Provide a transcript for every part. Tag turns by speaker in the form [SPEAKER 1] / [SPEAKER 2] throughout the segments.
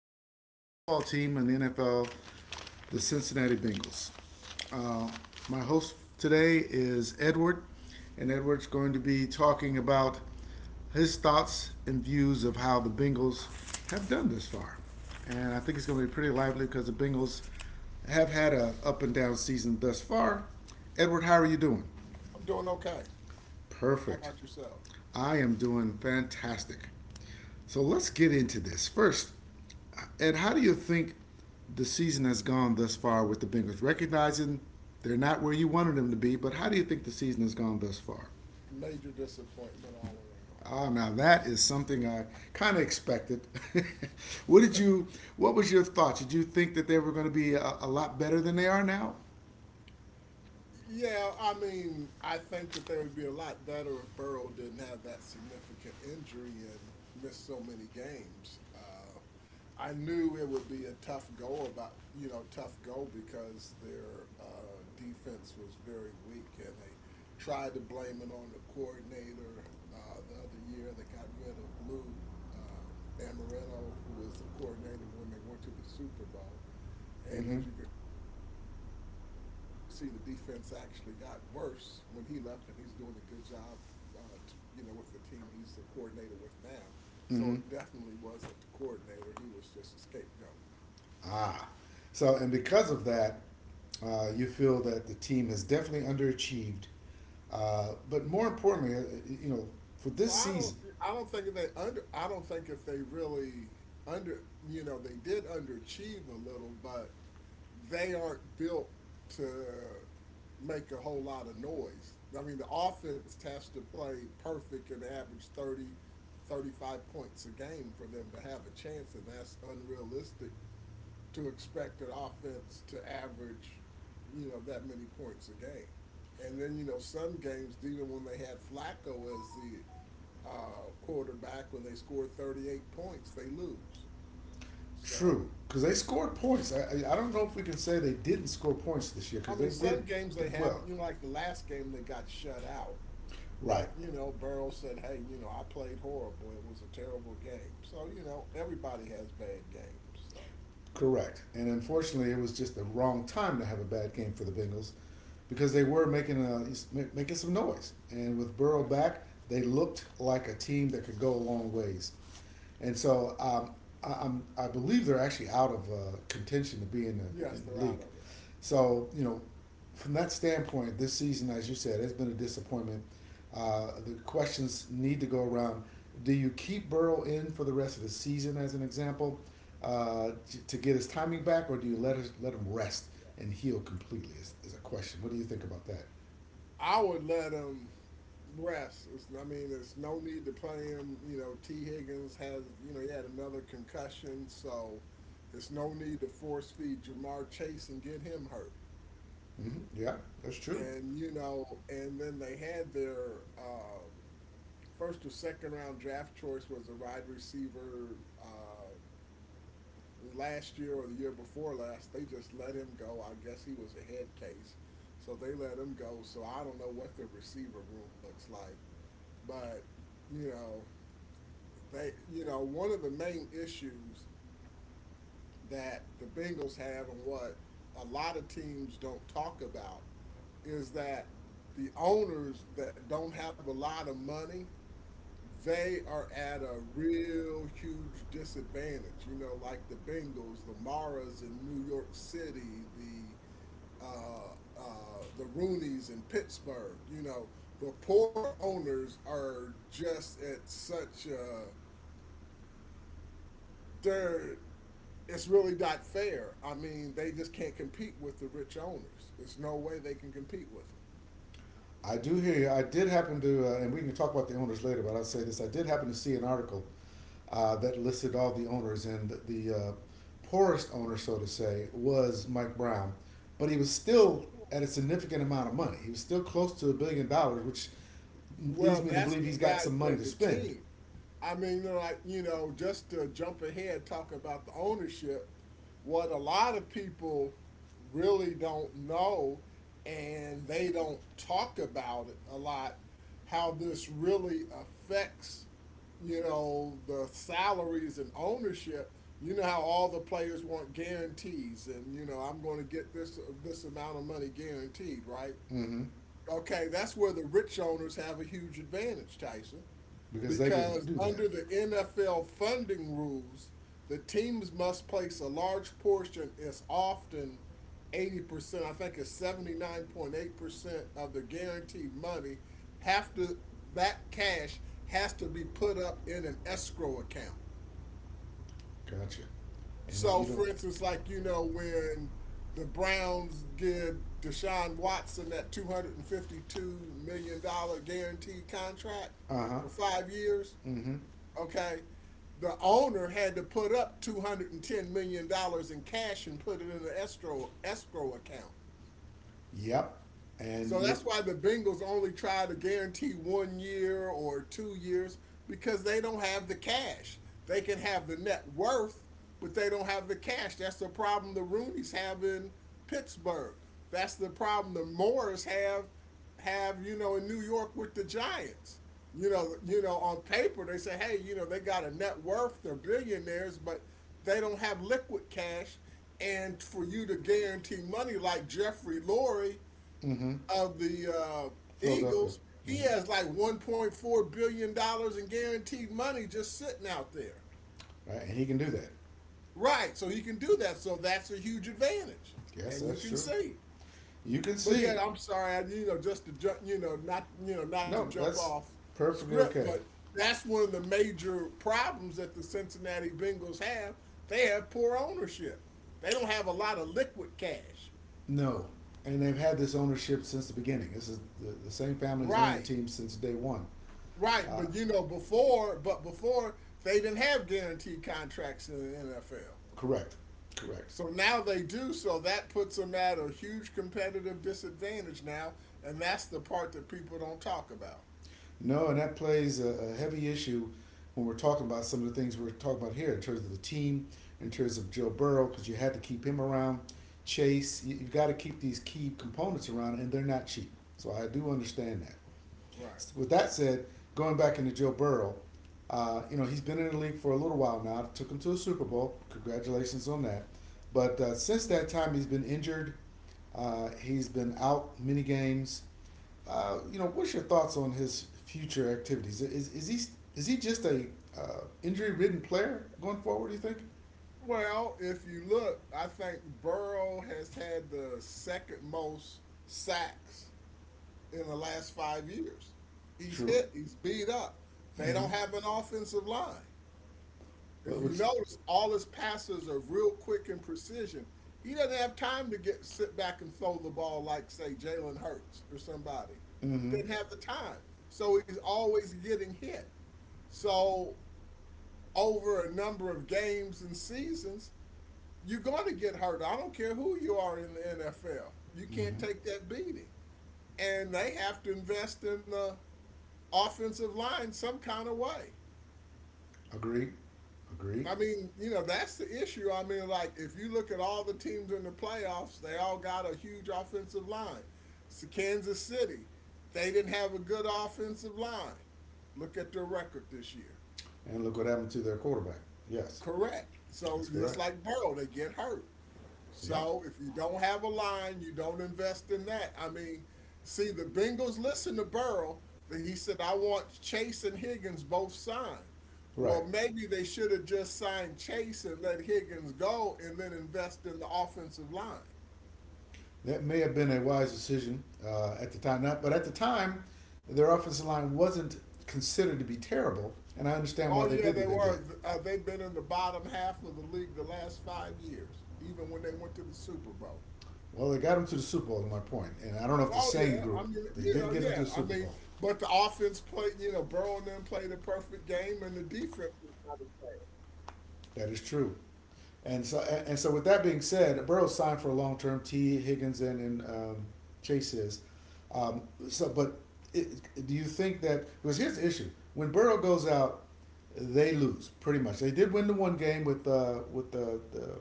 [SPEAKER 1] the football team in the NFL, the Cincinnati Bengals. Uh, my host today is Edward, and Edward's going to be talking about his thoughts and views of how the Bengals have done this far. And I think it's going to be pretty lively because the Bengals have had a up and down season thus far. Edward, how are you doing?
[SPEAKER 2] I'm doing okay. How
[SPEAKER 1] Perfect.
[SPEAKER 2] about yourself?
[SPEAKER 1] I am doing fantastic. So let's get into this. First, Ed, how do you think the season has gone thus far with the Bengals? Recognizing they're not where you wanted them to be, but how do you think the season has gone thus far?
[SPEAKER 2] Major disappointment all around.
[SPEAKER 1] Oh, now that is something I kind of expected. What did you? What was your thought? Did you think that they were going to be a lot better than they are now?
[SPEAKER 2] Yeah, I mean, I think that they would be a lot better if Burrow didn't have that significant injury and missed so many games. I knew it would be a tough goal about, you know, tough goal because their defense was very weak and they tried to blame it on the coordinator the other year. They got rid of Lou Amarillo, who was the coordinator when they went to the Super Bowl. And
[SPEAKER 1] Mm-hmm.
[SPEAKER 2] as you can see, the defense actually got worse when he left, and he's doing a good job, uh, to, with the team he's a coordinator with now. So it
[SPEAKER 1] Mm-hmm.
[SPEAKER 2] definitely wasn't the coordinator; he was just a scapegoat.
[SPEAKER 1] Ah, so and because of that, you feel that the team has definitely underachieved. But more importantly, you know, for
[SPEAKER 2] Well,
[SPEAKER 1] this
[SPEAKER 2] I don't.
[SPEAKER 1] season,
[SPEAKER 2] I don't think they under. I don't think if they really under. You know, they did underachieve a little, but they aren't built to make a whole lot of noise. I mean, the offense has to play perfect and average 30, 35 points a game for them to have a chance, and that's unrealistic to expect an offense to average, that many points a game. And then, some games, even when they had Flacco as the quarterback when they score 38 points, they lose. So,
[SPEAKER 1] true because they scored points. I don't know if we can say they didn't score points this year because
[SPEAKER 2] I
[SPEAKER 1] they
[SPEAKER 2] mean, some games they
[SPEAKER 1] did well.
[SPEAKER 2] have, like the last game they got shut out.
[SPEAKER 1] Right.
[SPEAKER 2] But, Burrow said, hey, I played horrible. It was a terrible game. So, everybody has bad games. So,
[SPEAKER 1] Correct. And unfortunately, it was just the wrong time to have a bad game for the Bengals because they
[SPEAKER 2] yeah,
[SPEAKER 1] were making making some noise. And with Burrow
[SPEAKER 2] right.
[SPEAKER 1] back, they looked like a team that could go a long ways. And so I believe they're actually out of contention to be in
[SPEAKER 2] Yes,
[SPEAKER 1] in
[SPEAKER 2] they're
[SPEAKER 1] the
[SPEAKER 2] out
[SPEAKER 1] league.
[SPEAKER 2] of it.
[SPEAKER 1] So you know, from that standpoint, this season, as you said, has been a disappointment. The questions need to go around. Do you keep Burrow in for the rest of the season, as an example, to get his timing back, or do you let let him rest and heal completely? Is a question. What do you think about that?
[SPEAKER 2] I would let them rest. I mean, there's no need to play him. You know, T. Higgins he had another concussion, so there's no need to force feed Jamar Chase and get him hurt.
[SPEAKER 1] Mm-hmm. Yeah, that's
[SPEAKER 2] And, you
[SPEAKER 1] true.
[SPEAKER 2] know, and then they had their first or second round draft choice was a wide receiver um last year or the year before last. They just let him go. I guess he was a head case. So they let him go. So I don't know what the receiver room looks like. But, you know, one of the main issues that the Bengals have and what a lot of teams don't talk about is that the owners that don't have a lot of money, they are at a real huge disadvantage. You know, like the Bengals, the Maras in New York City, uh, the Rooneys in Pittsburgh. You know, the poor owners are just at such a, they're it's really not fair. I mean, they just can't compete with the rich owners. There's no way they can compete with them.
[SPEAKER 1] I do hear you. I did happen to, and we can talk about the owners later, but I'll say this. I did happen to see an article that listed all the owners, and the, uh, poorest owner, so to say, was Mike Brown. But he was still at a significant amount of money. He was still close to $1 billion, which leads
[SPEAKER 2] Well,
[SPEAKER 1] me to
[SPEAKER 2] that's
[SPEAKER 1] believe he's
[SPEAKER 2] the
[SPEAKER 1] got some
[SPEAKER 2] value
[SPEAKER 1] money
[SPEAKER 2] of
[SPEAKER 1] to
[SPEAKER 2] the
[SPEAKER 1] spend.
[SPEAKER 2] team. I mean, like, just to jump ahead, talk about the ownership, what a lot of people really don't know and they don't talk about it a lot, how this really affects, the salaries and ownership. You know how all the players want guarantees and, I'm going to get this amount of money guaranteed, right?
[SPEAKER 1] Mm-hmm.
[SPEAKER 2] Okay, that's where the rich owners have a huge advantage, Tyson,
[SPEAKER 1] Because they can
[SPEAKER 2] because
[SPEAKER 1] do that.
[SPEAKER 2] under the NFL funding rules, the teams must place a large portion, it's often 80%, I think it's 79.8% of the guaranteed money, have to that cash has to be put up in an escrow account.
[SPEAKER 1] Gotcha. And if
[SPEAKER 2] So,
[SPEAKER 1] you don't,
[SPEAKER 2] for instance, like when the Browns give Deshaun Watson that $252 million guaranteed contract
[SPEAKER 1] uh huh.
[SPEAKER 2] for 5 years,
[SPEAKER 1] Mm hmm.
[SPEAKER 2] okay, the owner had to put up $210 million in cash and put it in the escrow account.
[SPEAKER 1] Yep. And
[SPEAKER 2] So
[SPEAKER 1] you're,
[SPEAKER 2] that's why the Bengals only try to guarantee 1 year or 2 years because they don't have the cash. They can have the net worth, but they don't have the cash. That's the problem the Rooney's have in Pittsburgh. That's the problem the Moores have, in New York with the Giants. You know, on paper they say, hey, they got a net worth, they're billionaires, but they don't have liquid cash. And for you to guarantee money like Jeffrey Lurie,
[SPEAKER 1] mm hmm.
[SPEAKER 2] of the
[SPEAKER 1] Philadelphia.
[SPEAKER 2] Eagles, he
[SPEAKER 1] Mm-hmm.
[SPEAKER 2] has like $1.4 billion in guaranteed money just sitting out there.
[SPEAKER 1] Right, and he can do that.
[SPEAKER 2] Right, so he can do that. So that's a huge advantage,
[SPEAKER 1] Yes,
[SPEAKER 2] and you
[SPEAKER 1] that's
[SPEAKER 2] can
[SPEAKER 1] true.
[SPEAKER 2] see.
[SPEAKER 1] You can
[SPEAKER 2] But
[SPEAKER 1] see.
[SPEAKER 2] yeah, I'm sorry. I, you know, just to jump, you know, Not to
[SPEAKER 1] No,
[SPEAKER 2] jump
[SPEAKER 1] that's
[SPEAKER 2] off
[SPEAKER 1] perfectly
[SPEAKER 2] script,
[SPEAKER 1] okay.
[SPEAKER 2] but that's one of the major problems that the Cincinnati Bengals have. They have poor ownership. They don't have a lot of liquid cash.
[SPEAKER 1] No, and they've had this ownership since the beginning. This is the same family's owned the
[SPEAKER 2] Right.
[SPEAKER 1] team since day one.
[SPEAKER 2] Right,
[SPEAKER 1] Uh,
[SPEAKER 2] but before they didn't have guaranteed contracts in the NFL.
[SPEAKER 1] Correct, correct.
[SPEAKER 2] So now they do, so that puts them at a huge competitive disadvantage now, and that's the part that people don't talk about.
[SPEAKER 1] No, and that plays a heavy issue when we're talking about some of the things we're talking about here in terms of the team, in terms of Joe Burrow, because you had to keep him around. Chase, you've got to keep these key components around, and they're not cheap. So I do understand that.
[SPEAKER 2] Right.
[SPEAKER 1] With that said, going back into Joe Burrow, you know, he's been in the league for a little while now. It took him to a Super Bowl. Congratulations on that. But since that time, he's been injured. He's been out many games. You know, what's your thoughts on his future activities? Is he just a injury ridden player going forward? Do you think?
[SPEAKER 2] Well, if you look, I think Burrow has had the second most sacks in the last 5 years. He's
[SPEAKER 1] True.
[SPEAKER 2] hit, he's beat up. They
[SPEAKER 1] Mm-hmm.
[SPEAKER 2] don't have an offensive line. If
[SPEAKER 1] But
[SPEAKER 2] you
[SPEAKER 1] which?
[SPEAKER 2] notice, all his passes are real quick and precision. He doesn't have time to get sit back and throw the ball like, say, Jalen Hurts or somebody.
[SPEAKER 1] Mm-hmm.
[SPEAKER 2] Didn't have the time. So he's always getting hit. So over a number of games and seasons, you're going to get hurt. I don't care who you are in the NFL. You can't
[SPEAKER 1] Mm-hmm.
[SPEAKER 2] take that beating. And they have to invest in the offensive line some kind of way.
[SPEAKER 1] Agreed. Agreed.
[SPEAKER 2] I mean, that's the issue. I mean, like, if you look at all the teams in the playoffs, they all got a huge offensive line. So Kansas City, they didn't have a good offensive line. Look at their record this year.
[SPEAKER 1] And look what happened to their quarterback. Yes,
[SPEAKER 2] Correct. So
[SPEAKER 1] that's
[SPEAKER 2] just
[SPEAKER 1] correct.
[SPEAKER 2] like Burrow, they get hurt.
[SPEAKER 1] Yep.
[SPEAKER 2] So if you don't have a line, you don't invest in that. I mean, see, the Bengals listen to Burrow. That he said, I want Chase and Higgins both signed.
[SPEAKER 1] Right.
[SPEAKER 2] Well, maybe they should have just signed Chase and let Higgins go and then invest in the offensive line.
[SPEAKER 1] That may have been a wise decision at the time. Not, but at the time, their offensive line wasn't considered to be terrible, and I understand
[SPEAKER 2] Oh,
[SPEAKER 1] why they
[SPEAKER 2] yeah,
[SPEAKER 1] did
[SPEAKER 2] they
[SPEAKER 1] what they did.
[SPEAKER 2] were. They've been in the bottom half of the league the last 5 years, even when they went to the Super Bowl.
[SPEAKER 1] Well, they got them to the Super Bowl, is my point. And I don't know if the
[SPEAKER 2] Oh
[SPEAKER 1] same
[SPEAKER 2] yeah, I
[SPEAKER 1] group,
[SPEAKER 2] mean,
[SPEAKER 1] but they did get them
[SPEAKER 2] yeah,
[SPEAKER 1] to the
[SPEAKER 2] I
[SPEAKER 1] Super
[SPEAKER 2] mean,
[SPEAKER 1] Bowl.
[SPEAKER 2] but the offense played, Burrow and them played a perfect game, and the defense
[SPEAKER 1] That is true. And so, with that being said, Burrow's signed for a long term. T. Higginson and Chase is. Um, so, but it, do you think that because here's the issue: when Burrow goes out, they lose pretty much. They did win the one game with with the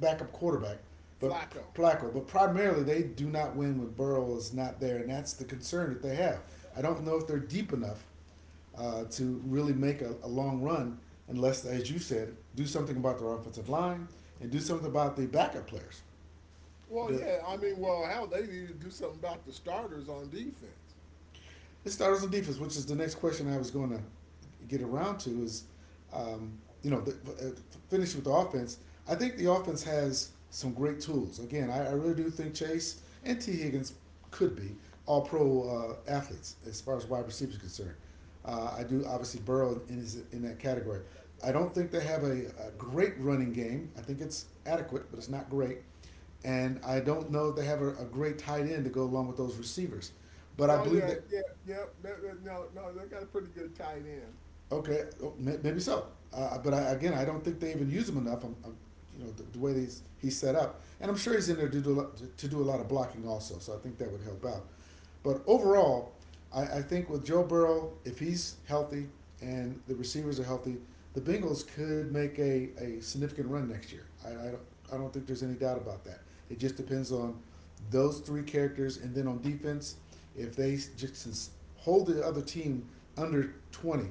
[SPEAKER 1] backup quarterback, but
[SPEAKER 2] Flacco.
[SPEAKER 1] Flacco. But primarily, they do not win when Burrow is not there, and that's the concern that they have. I don't know if they're deep enough to really make a long run unless, as you said, do something about their offensive line and do something about the backup players.
[SPEAKER 2] Well,
[SPEAKER 1] Because
[SPEAKER 2] yeah, I mean, well, hell, they need to do something about the starters on defense.
[SPEAKER 1] his starters on defense, which is the next question I was going to get around to, is um, you know finish with the offense. I think the offense has some great tools. Again, I really do think Chase and T Higgins could be all pro athletes as far as wide receivers are concerned. I do obviously Burrow in in that category. I don't think they have a great running game. I think it's adequate, but it's not great. And I don't know if they have a great tight end to go along with those receivers. But I
[SPEAKER 2] Oh
[SPEAKER 1] believe
[SPEAKER 2] yeah,
[SPEAKER 1] that
[SPEAKER 2] yeah, yeah. No, no, they got a pretty good tight end.
[SPEAKER 1] okay, oh, maybe so. But I, again, I don't think they even use him enough. I you know, the way he's set up, and I'm sure he's in there to do a lot, to do a lot of blocking also. So I think that would help out. But overall, I think with Joe Burrow, if he's healthy and the receivers are healthy, the Bengals could make a significant run next year. I don't think there's any doubt about that. It just depends on those three characters, and then on defense, if they just hold the other team under 20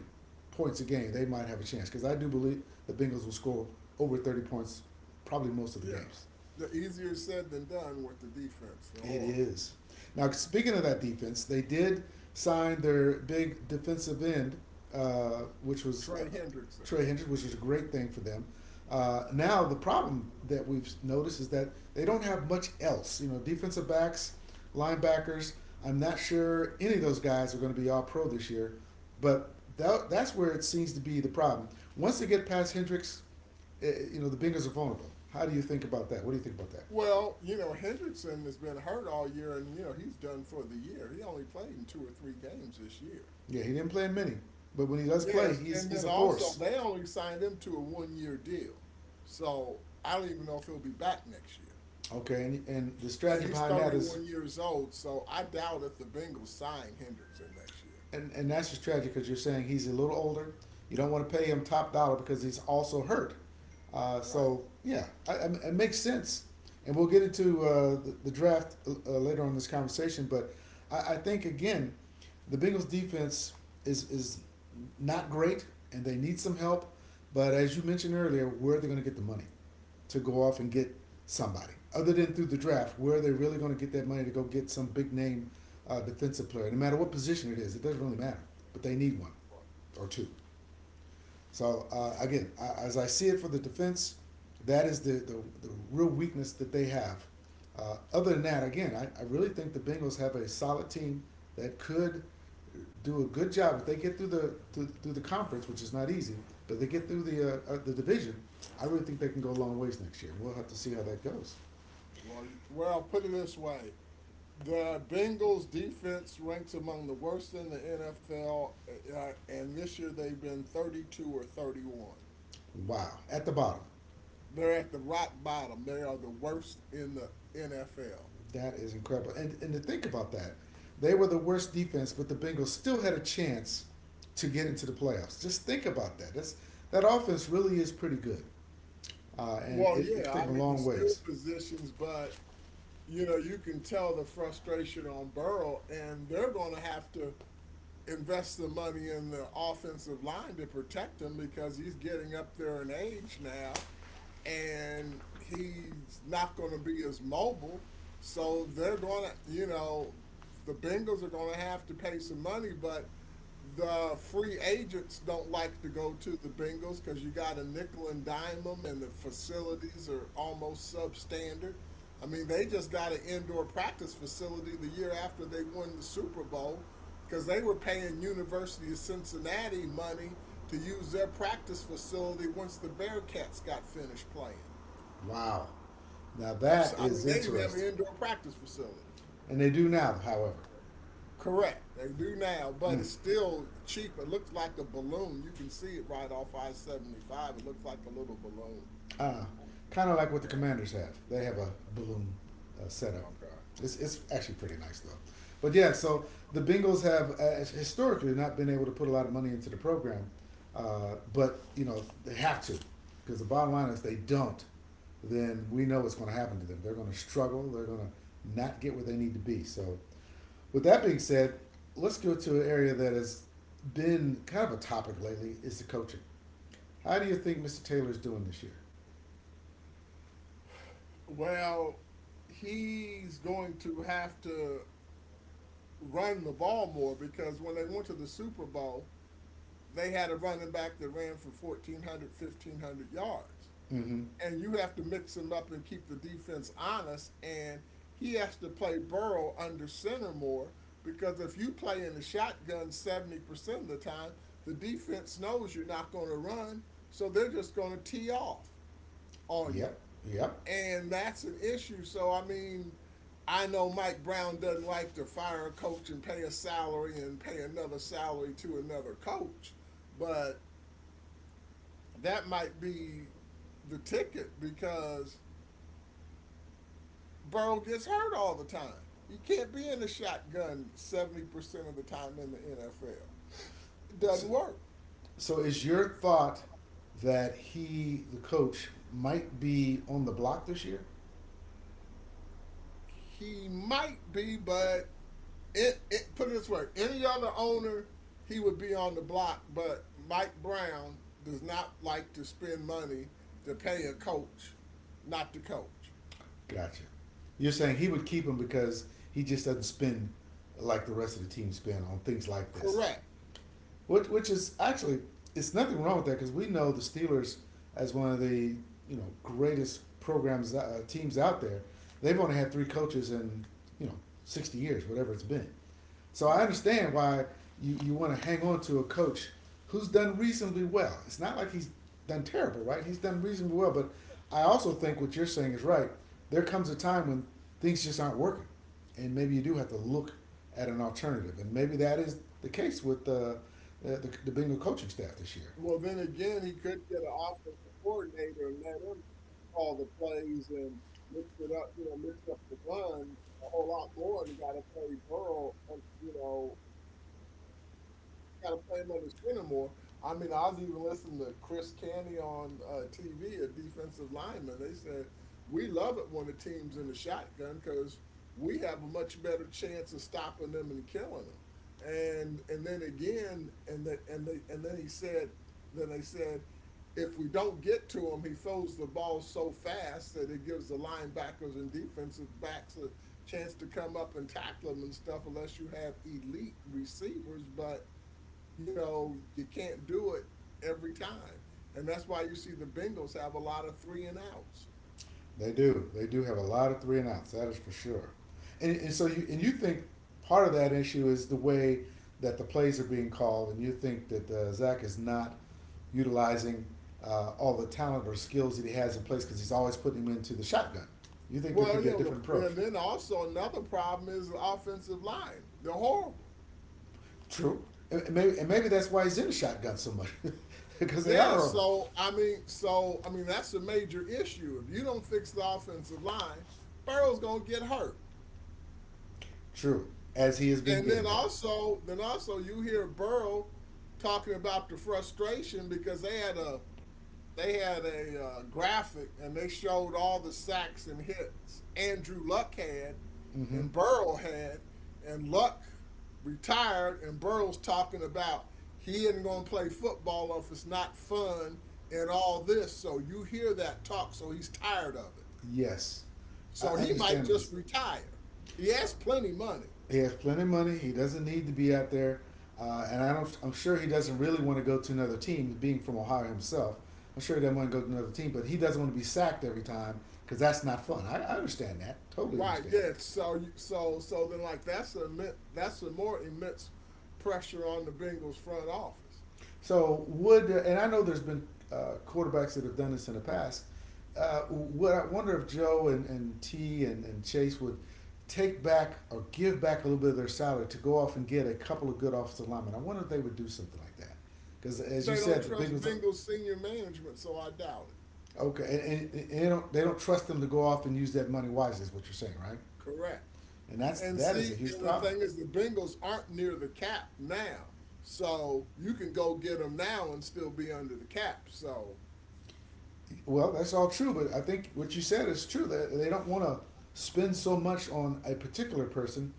[SPEAKER 1] points a game, they might have a chance because I do believe the Bengals will score over 30 points probably most of the
[SPEAKER 2] Yeah,
[SPEAKER 1] games.
[SPEAKER 2] the easier said than done with the defense. They're
[SPEAKER 1] It
[SPEAKER 2] horrible.
[SPEAKER 1] is. Now, speaking of that defense, they did sign their big defensive end, which was
[SPEAKER 2] Trey Hendrickson.
[SPEAKER 1] Trey Hendrick, which is a great thing for them. Now, the problem that we've noticed is that they don't have much else. You know, defensive backs, linebackers. I'm not sure any of those guys are going to be all pro this year, but that's where it seems to be the problem. Once they get past Hendricks, you know, the Bengals are vulnerable. How do you think about that? What do you think about that?
[SPEAKER 2] Well, Hendrickson has been hurt all year, and he's done for the year. He only played in two or three games this year.
[SPEAKER 1] Yeah, he didn't play in many, but when he does play,
[SPEAKER 2] Yes, and
[SPEAKER 1] he's
[SPEAKER 2] then
[SPEAKER 1] a
[SPEAKER 2] also
[SPEAKER 1] force.
[SPEAKER 2] they only signed him to a one-year deal, so I don't even know if he'll be back next year.
[SPEAKER 1] Okay, and the
[SPEAKER 2] And
[SPEAKER 1] strategy
[SPEAKER 2] he's
[SPEAKER 1] behind that is,
[SPEAKER 2] 31 years old, so I doubt if the Bengals sign Hendrickson next year.
[SPEAKER 1] and that's just tragic because you're saying he's a little older. You don't want to pay him top dollar because he's also hurt. Uh,
[SPEAKER 2] Right.
[SPEAKER 1] so yeah, I, I, it makes sense, and we'll get into the draft later on in this conversation. But I think again, the Bengals defense is not great, and they need some help. But as you mentioned earlier, where are they going to get the money to go off and
[SPEAKER 2] Yeah.
[SPEAKER 1] get somebody other than through the draft? Where are they really going to get that money to go get some big name defensive player? No matter what position it is, it doesn't really matter. But they need one or two. So
[SPEAKER 2] Yeah.
[SPEAKER 1] again, I, as I see it for the defense, that is the real weakness that they have. Other than that, again, I really think the Bengals have a solid team that could do a good job if they get through the through, through the conference, which is not easy, but they get through the division. I really think they can go a long ways next year. We'll have to see how that goes.
[SPEAKER 2] Well, put it this way. The Bengals defense ranks among the worst in the NFL, and this year they've been 32 or 31.
[SPEAKER 1] Wow, at the bottom.
[SPEAKER 2] They're at the rock bottom. They are the worst in the NFL.
[SPEAKER 1] That is incredible. And to think about that, they were the worst defense, but the Bengals still had a chance to get into the playoffs. Just think about that. That's, that offense really is pretty good, and
[SPEAKER 2] Well,
[SPEAKER 1] it could
[SPEAKER 2] yeah,
[SPEAKER 1] take
[SPEAKER 2] I
[SPEAKER 1] them a
[SPEAKER 2] mean the
[SPEAKER 1] long
[SPEAKER 2] skill
[SPEAKER 1] ways.
[SPEAKER 2] positions, but you can tell the frustration on Burrow, and they're going to have to invest the money in the offensive line to protect him because he's getting up there in age now and he's not going to be as mobile. So they're going to, you know, the Bengals are going to have to pay some money, but the free agents don't like to go to the Bengals because you got to nickel and dime them, and the facilities are almost substandard. I mean, they just got an indoor practice facility the year after they won the Super Bowl because they were paying University of Cincinnati money to use their practice facility once the Bearcats got finished playing.
[SPEAKER 1] Wow. Now
[SPEAKER 2] So,
[SPEAKER 1] that
[SPEAKER 2] I mean,
[SPEAKER 1] is
[SPEAKER 2] they didn't have an
[SPEAKER 1] interesting.
[SPEAKER 2] indoor practice facility.
[SPEAKER 1] And they do now, however.
[SPEAKER 2] Correct. They do now, but
[SPEAKER 1] Mm.
[SPEAKER 2] it's still cheap. It looks like a balloon. You can see it right off I-75. It looks like a little balloon.
[SPEAKER 1] Uh, Kind of like what the commanders have. They have a balloon setup.
[SPEAKER 2] Okay.
[SPEAKER 1] It's actually pretty nice though. But yeah, so the Bengals have historically not been able to put a lot of money into the program, but you know they have to because the bottom line is if they don't. Then we know what's going to happen to them. They're going to struggle. They're going to not get where they need to be. So with that being said, let's go to an area that has been kind of a topic lately is the coaching. How do you think Mr. Taylor's doing this year?
[SPEAKER 2] Well, he's going to have to run the ball more because when they went to the Super Bowl, they had a running back that ran for 1,400, 1,500 yards.
[SPEAKER 1] Mm-hmm.
[SPEAKER 2] And you have to mix him up and keep the defense honest. And he has to play Burrow under center more because if you play in the shotgun 70% of the time, the defense knows you're not going to run. So they're just going to tee off on
[SPEAKER 1] Yep,
[SPEAKER 2] you.
[SPEAKER 1] yep.
[SPEAKER 2] And that's an issue. So, I mean, I know Mike Brown doesn't like to fire a coach and pay a salary and pay another salary to another coach, but that might be the ticket because Burrow gets hurt all the time. He can't be in the shotgun 70% of the time in the NFL. It
[SPEAKER 1] So,
[SPEAKER 2] doesn't work.
[SPEAKER 1] so is your thought that the coach, might be on the block this year?
[SPEAKER 2] He might be, but it put it this way, any other owner, he would be on the block, but Mike Brown does not like to spend money to pay a coach not to coach.
[SPEAKER 1] Gotcha. You're saying he would keep him because he just doesn't spend like the rest of the team spend on things like this,
[SPEAKER 2] Correct.
[SPEAKER 1] which is actually it's nothing wrong with that because we know the Steelers as one of the greatest programs teams out there. They've only had three coaches in you know 60 years, whatever it's been. So I
[SPEAKER 2] Right.
[SPEAKER 1] understand why you want to hang on to a coach who's done reasonably well. It's not like he's done terrible, right? He's done reasonably well. But I also think what you're saying is right. There comes a time when things just aren't working, and maybe you do have to look at an alternative. And maybe that is the case with the the Bengal coaching staff this year.
[SPEAKER 2] Well, then again, he could get an offensive coordinator and let him call the plays and mix it up, you know, mix up the run a whole lot more and got to play Burrow, you know, got to play him under center more. I mean, I was even listening to Chris Canny on TV, a defensive lineman. They said we love it when the team's in the shotgun because we have a much better chance of stopping them and killing them. And then again, and that and they and then he said, then they said, if we don't get to him, he throws the ball so fast that it gives the linebackers and defensive backs a chance to come up and tackle him and stuff unless you have elite receivers. But you know, you can't do it every time. And that's why you see the Bengals have a lot of three and outs.
[SPEAKER 1] They do. They do have a lot of three and outs. That is for sure. And so you think part of that issue is the way that the plays are being called, and you think that Zach is not utilizing all the talent or skills that he has in place because he's always putting him into the shotgun. You think there could
[SPEAKER 2] Well, you
[SPEAKER 1] be a
[SPEAKER 2] know,
[SPEAKER 1] different approach?
[SPEAKER 2] and then also another problem is the offensive line. They're horrible.
[SPEAKER 1] True. And maybe that's why he's in the shotgun so much because they are
[SPEAKER 2] Yeah,
[SPEAKER 1] horrible.
[SPEAKER 2] that's a major issue. If you don't fix the offensive line, Burrow's gonna get hurt.
[SPEAKER 1] True. As he has been
[SPEAKER 2] And then
[SPEAKER 1] getting hurt.
[SPEAKER 2] also, then also, you hear Burrow talking about the frustration because they had a graphic and they showed all the sacks and hits Andrew Luck had
[SPEAKER 1] Mm-hmm.
[SPEAKER 2] and Burrow had, and Luck retired and Burrow's talking about he isn't going to play football if it's not fun and all this. So you hear that talk, so he's tired of it.
[SPEAKER 1] Yes. I
[SPEAKER 2] So he might
[SPEAKER 1] understand
[SPEAKER 2] just retire. He
[SPEAKER 1] uh,
[SPEAKER 2] has plenty of money,
[SPEAKER 1] He has plenty of money. He doesn't need to be out there, and I'm sure he doesn't really want to go to another team. Being from Ohio himself, I'm sure he doesn't want to go to another team. But he doesn't want to be sacked every time because that's not fun. I understand that. Totally
[SPEAKER 2] right?
[SPEAKER 1] understand that.
[SPEAKER 2] Yeah. So you, so so then like that's a more immense pressure on the Bengals front office.
[SPEAKER 1] So would and I know there's been quarterbacks that have done this in the past. What I wonder if Joe and T and Chase would take back or give back a little bit of their salary to go off and get a couple of good offensive linemen. I wonder if they would do something like that. Because as you
[SPEAKER 2] They don't
[SPEAKER 1] said, the
[SPEAKER 2] trust
[SPEAKER 1] biggest...
[SPEAKER 2] Bengals senior management, so I doubt it.
[SPEAKER 1] Okay, and they don't trust them to go off and use that money wisely. Is what you're saying, right?
[SPEAKER 2] Correct.
[SPEAKER 1] And
[SPEAKER 2] And
[SPEAKER 1] that is a
[SPEAKER 2] see,
[SPEAKER 1] huge
[SPEAKER 2] and the
[SPEAKER 1] problem.
[SPEAKER 2] thing is, the Bengals aren't near the cap now, so you can go get them now and still be under the cap. So
[SPEAKER 1] Well, that's all true, but I think what you said is true. That they don't want to spend so much on a particular person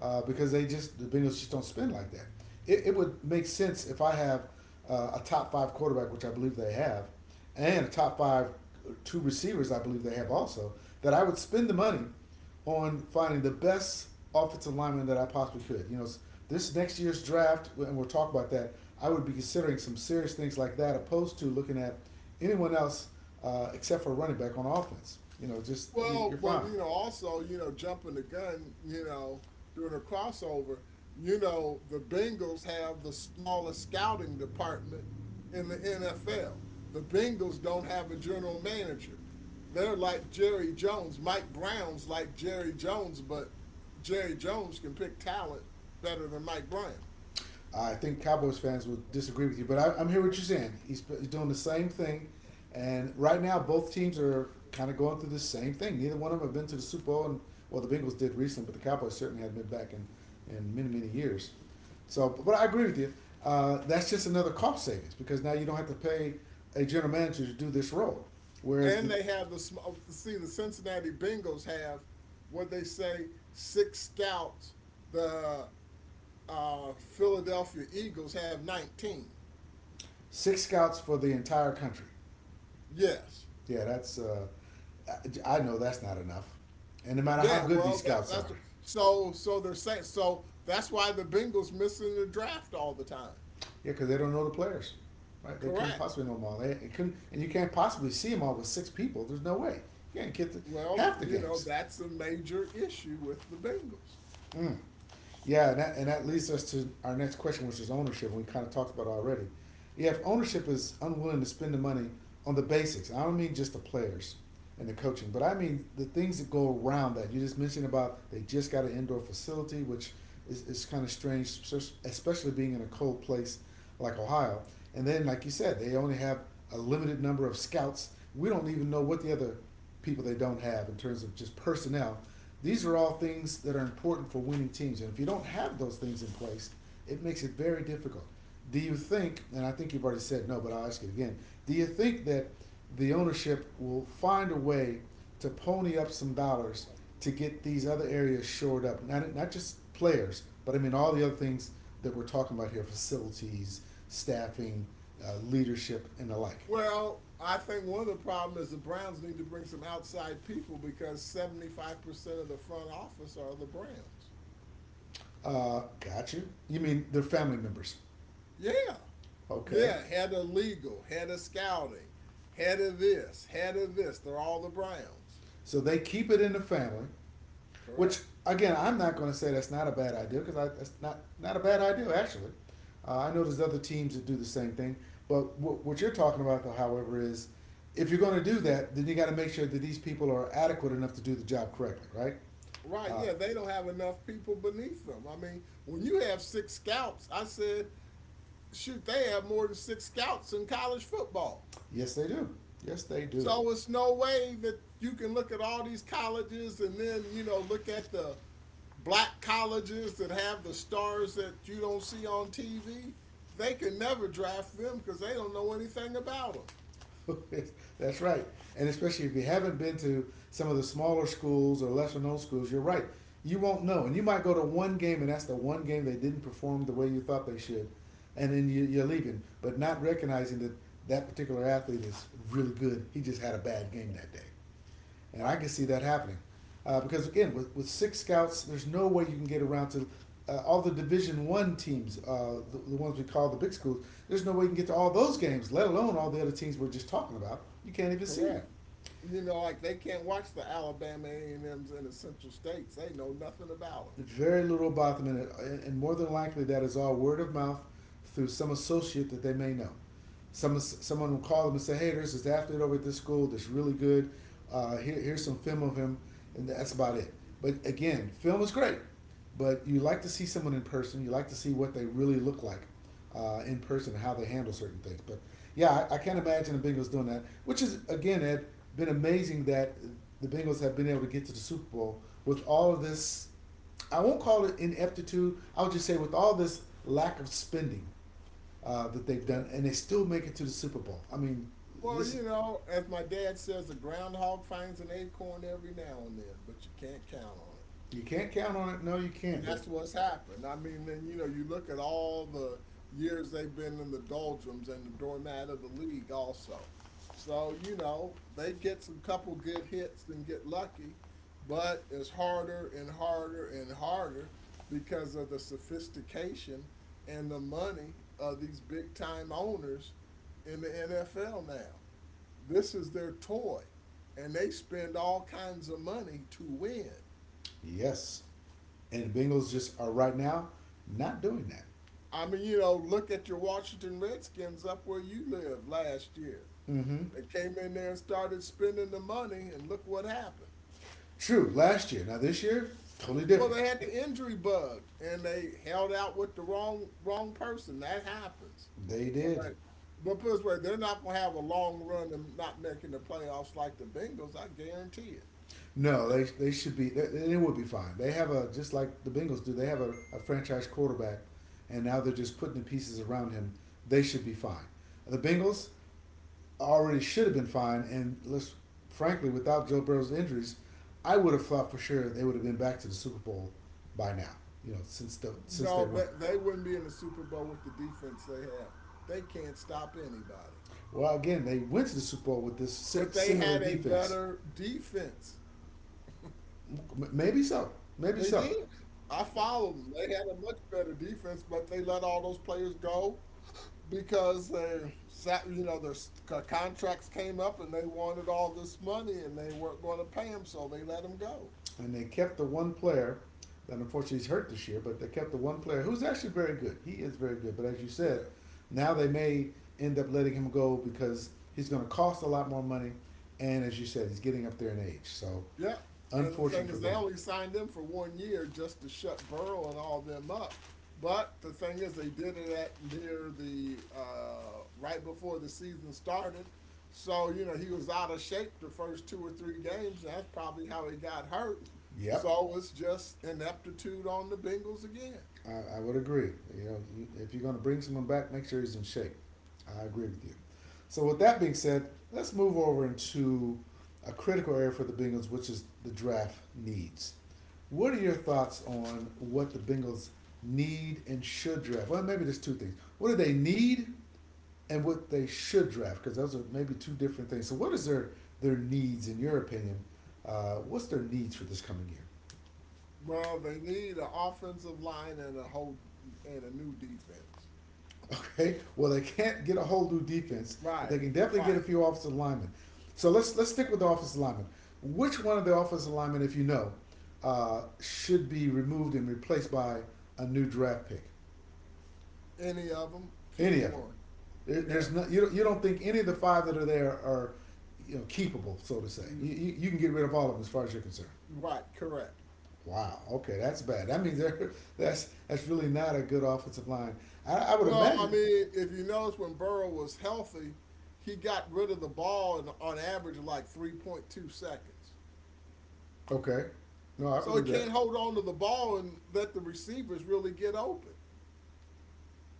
[SPEAKER 1] because the Bengals just don't spend like that. It would make sense if I have a top five quarterback, which I believe they have, and a top five two receivers, I believe they have also. That I would spend the money on finding the best offensive lineman that I possibly could. You know, this next year's draft, and we'll talk about that. I would be considering some serious things like that, opposed to looking at anyone else except for running back on offense. You know, just you're
[SPEAKER 2] well, but
[SPEAKER 1] fine.
[SPEAKER 2] you know, also, you know, jumping the gun, you know, doing a crossover, you know, the Bengals have the smallest scouting department in the NFL. The Bengals don't have a general manager. They're like Jerry Jones. Mike Brown's like Jerry Jones, but Jerry Jones can pick talent better than Mike Brown.
[SPEAKER 1] I think Cowboys fans will disagree with you, but I'm hearing what you're saying. He's doing the same thing, and right now both teams are kind of going through the same thing. Neither one of them have been to the Super Bowl, and well, the Bengals did recently, but the Cowboys certainly hadn't been back in many many years. So, but I agree with you. That's just another cost savings because now you don't have to pay a general manager to do this role, whereas
[SPEAKER 2] And
[SPEAKER 1] the...
[SPEAKER 2] they have the sm- oh, see the Cincinnati Bengals have what they say six scouts. The uh, Philadelphia Eagles have 19.
[SPEAKER 1] six scouts for the entire country.
[SPEAKER 2] Yes.
[SPEAKER 1] Yeah, that's I know that's not enough, and no matter how
[SPEAKER 2] Yeah,
[SPEAKER 1] good these
[SPEAKER 2] well,
[SPEAKER 1] scouts are...
[SPEAKER 2] that's so. So they're saying so. That's why the Bengals missing the draft all the time.
[SPEAKER 1] Yeah, because they don't know the players, right? They couldn't
[SPEAKER 2] Correct.
[SPEAKER 1] possibly know them all. They couldn't, and you can't possibly see them all with six people. There's no way. You can't get the...
[SPEAKER 2] Well,
[SPEAKER 1] half the
[SPEAKER 2] you know
[SPEAKER 1] games.
[SPEAKER 2] that's a major issue with the Bengals.
[SPEAKER 1] Mm. Yeah, and that leads us to our next question, which is ownership. We kind of talked about it already. Yeah, if ownership is unwilling to spend the money on the basics, I don't mean just the players and the coaching, but I mean the things that go around that. You just mentioned about they just got an indoor facility, which is kind of strange, especially being in a cold place like Ohio. And then, like you said, they only have a limited number of scouts. We don't even know what the other people they don't have in terms of just personnel. These are all things that are important for winning teams. And if you don't have those things in place, it makes it very difficult. Do you think, and I think you've already said no, but I'll ask it again. Do you think that the ownership will find a way to pony up some dollars to get these other areas shored up? Not just players, but I mean all the other things that we're talking about here: facilities, staffing, leadership, and the like.
[SPEAKER 2] Well, I think one of the problems is the Browns need to bring some outside people because 75% of the front office are the Browns.
[SPEAKER 1] Got you. You mean they're family members.
[SPEAKER 2] Yeah,
[SPEAKER 1] Okay.
[SPEAKER 2] yeah. Head of legal, head of scouting, head of this, head of this. They're all the Browns.
[SPEAKER 1] So they keep it in the family. Which
[SPEAKER 2] Correct.
[SPEAKER 1] again, I'm not going to say that's not a bad idea because that's not a bad idea actually. I know there's other teams that do the same thing, but what you're talking about though, however, is if you're going to do that, then you got to make sure that these people are adequate enough to do the job correctly, right?
[SPEAKER 2] Right,
[SPEAKER 1] Uh,
[SPEAKER 2] yeah, they don't have enough people beneath them. I mean, when you have six scouts, I said, shoot, they have more than six scouts in college football.
[SPEAKER 1] yes, they do. Yes, they do.
[SPEAKER 2] So it's no way that you can look at all these colleges and then, you know, look at the black colleges that have the stars that you don't see on TV. They can never draft them because they don't know anything about them.
[SPEAKER 1] That's right. And especially if you haven't been to some of the smaller schools or lesser known schools, you're right. You won't know. And you might go to one game and that's the one game they didn't perform the way you thought they should. And then you're leaving, but not recognizing that that particular athlete is really good. He just had a bad game that day and I can see that happening. Because again, with six scouts, there's no way you can get around to all the Division One teams, the ones we call the big schools. There's no way you can get to all those games, let alone all the other teams we're just talking about. You can't even see them.
[SPEAKER 2] Correct. You know, like they can't watch the Alabama A&Ms and M's and the Central States. They know nothing about
[SPEAKER 1] Very little about them, and more than likely that is all word of mouth through some associate that they may know. Someone will call them and say, "Hey, there's this athlete over at this school that's really good. Here, here's some film of him," and that's about it. But again, film is great, but you like to see someone in person. You like to see what they really look like in person, how they handle certain things. But yeah, I can't imagine the Bengals doing that. Which is again, Ed, been amazing that the Bengals have been able to get to the Super Bowl with all of this... I won't call it ineptitude. I'll just say with all this lack of spending that they've
[SPEAKER 2] them. Yeah.
[SPEAKER 1] done, and they still make it to the Super Bowl. I mean,
[SPEAKER 2] Well,
[SPEAKER 1] this...
[SPEAKER 2] you know, as my dad says, the groundhog finds an acorn every now and then, but you can't count on it.
[SPEAKER 1] you can't count on it. No, you
[SPEAKER 2] And
[SPEAKER 1] can't. But
[SPEAKER 2] that's what's happened. I mean, then, you know, you look at all the years they've been in the doldrums and the doormat of the league also. So, you know, they get some couple good hits and get lucky, but it's harder and harder and harder because of the sophistication and the money of these big time owners in the NFL now. This is their toy, and they spend all kinds of money to win.
[SPEAKER 1] yes, and the Bengals just are right now not doing that.
[SPEAKER 2] I mean, you know, look at your Washington Redskins up where you live last year.
[SPEAKER 1] Mm-hmm.
[SPEAKER 2] They came in there and started spending the money, and look what happened.
[SPEAKER 1] True. Last year, now this year, totally
[SPEAKER 2] Well,
[SPEAKER 1] different.
[SPEAKER 2] they had the injury bug, and they held out with the wrong person. That happens.
[SPEAKER 1] They did.
[SPEAKER 2] But, but put it this way, they're not going to have a long run and not making the playoffs like the Bengals. I guarantee it.
[SPEAKER 1] No, they should be. They would be fine. They have a... just like the Bengals do. They have a franchise quarterback, and now they're just putting the pieces around him. They should be fine. The Bengals already should have been fined. And let's... frankly, without Joe Burrow's injuries, I would have thought for sure they would have been back to the Super Bowl by now. You know, since they
[SPEAKER 2] No,
[SPEAKER 1] went.
[SPEAKER 2] they wouldn't be in the Super Bowl with the defense they have. They can't stop anybody.
[SPEAKER 1] Well, again, they went to the Super Bowl with this
[SPEAKER 2] But they
[SPEAKER 1] similar
[SPEAKER 2] had a
[SPEAKER 1] defense.
[SPEAKER 2] better defense.
[SPEAKER 1] Maybe so. Maybe
[SPEAKER 2] They
[SPEAKER 1] so.
[SPEAKER 2] did. I
[SPEAKER 1] Yeah.
[SPEAKER 2] followed them. They had a much better defense, but they let all those players go because they sat, you know, their s- co- contracts came up and they wanted all this money and they weren't going to pay them, so they let them go.
[SPEAKER 1] And they kept the one player that unfortunately is hurt this year, but they kept the one player who's actually very good. He is very good. But as you
[SPEAKER 2] Yeah.
[SPEAKER 1] said, now they may end up letting him go because he's going to cost a lot more money. And as you said, he's getting up there in age. So
[SPEAKER 2] Yeah. And the
[SPEAKER 1] unfortunate
[SPEAKER 2] thing
[SPEAKER 1] for
[SPEAKER 2] is, they
[SPEAKER 1] them.
[SPEAKER 2] only signed him for 1 year just to shut Burrow and all them up. But the thing is, they did it at near the right before the season started. So, you know, he was out of shape the first two or three games. And that's probably how he got hurt.
[SPEAKER 1] Yep,
[SPEAKER 2] So it's just ineptitude on the Bengals again.
[SPEAKER 1] I would agree. You know, if you're going to bring someone back, make sure he's in shape. I agree with you. So with that being said, let's move over into a critical area for the Bengals, which is the draft needs. What are your thoughts on what the Bengals need and should draft? Well, maybe there's two things. What do they need and what they should draft? Because those are maybe two different things. So what is their needs in your opinion? What's their needs for this coming year?
[SPEAKER 2] Well, they need an offensive line and a whole and a new defense.
[SPEAKER 1] Okay. Well, they can't get a whole new defense, but they
[SPEAKER 2] Right,
[SPEAKER 1] can definitely get
[SPEAKER 2] right.
[SPEAKER 1] a few offensive linemen. So let's stick with the offensive linemen. Which one of the offensive linemen, if you know, should be removed and replaced by a new draft pick?
[SPEAKER 2] Any of them,
[SPEAKER 1] Any
[SPEAKER 2] pick
[SPEAKER 1] of them?
[SPEAKER 2] one.
[SPEAKER 1] There's
[SPEAKER 2] Yeah.
[SPEAKER 1] no, you don't think any of the five that are there are keepable, so to say. You can get rid of all of them as far as you're concerned.
[SPEAKER 2] Right, correct.
[SPEAKER 1] Wow. Okay, that's bad. That means they're, that's really not a good offensive line. I would
[SPEAKER 2] Well, I
[SPEAKER 1] imagine.
[SPEAKER 2] mean, if you notice when Burrow was healthy, he got rid of the ball in, on average like 3.2 seconds.
[SPEAKER 1] Okay. No, I
[SPEAKER 2] So he
[SPEAKER 1] believe that.
[SPEAKER 2] can't hold on to the ball and let the receivers really get open.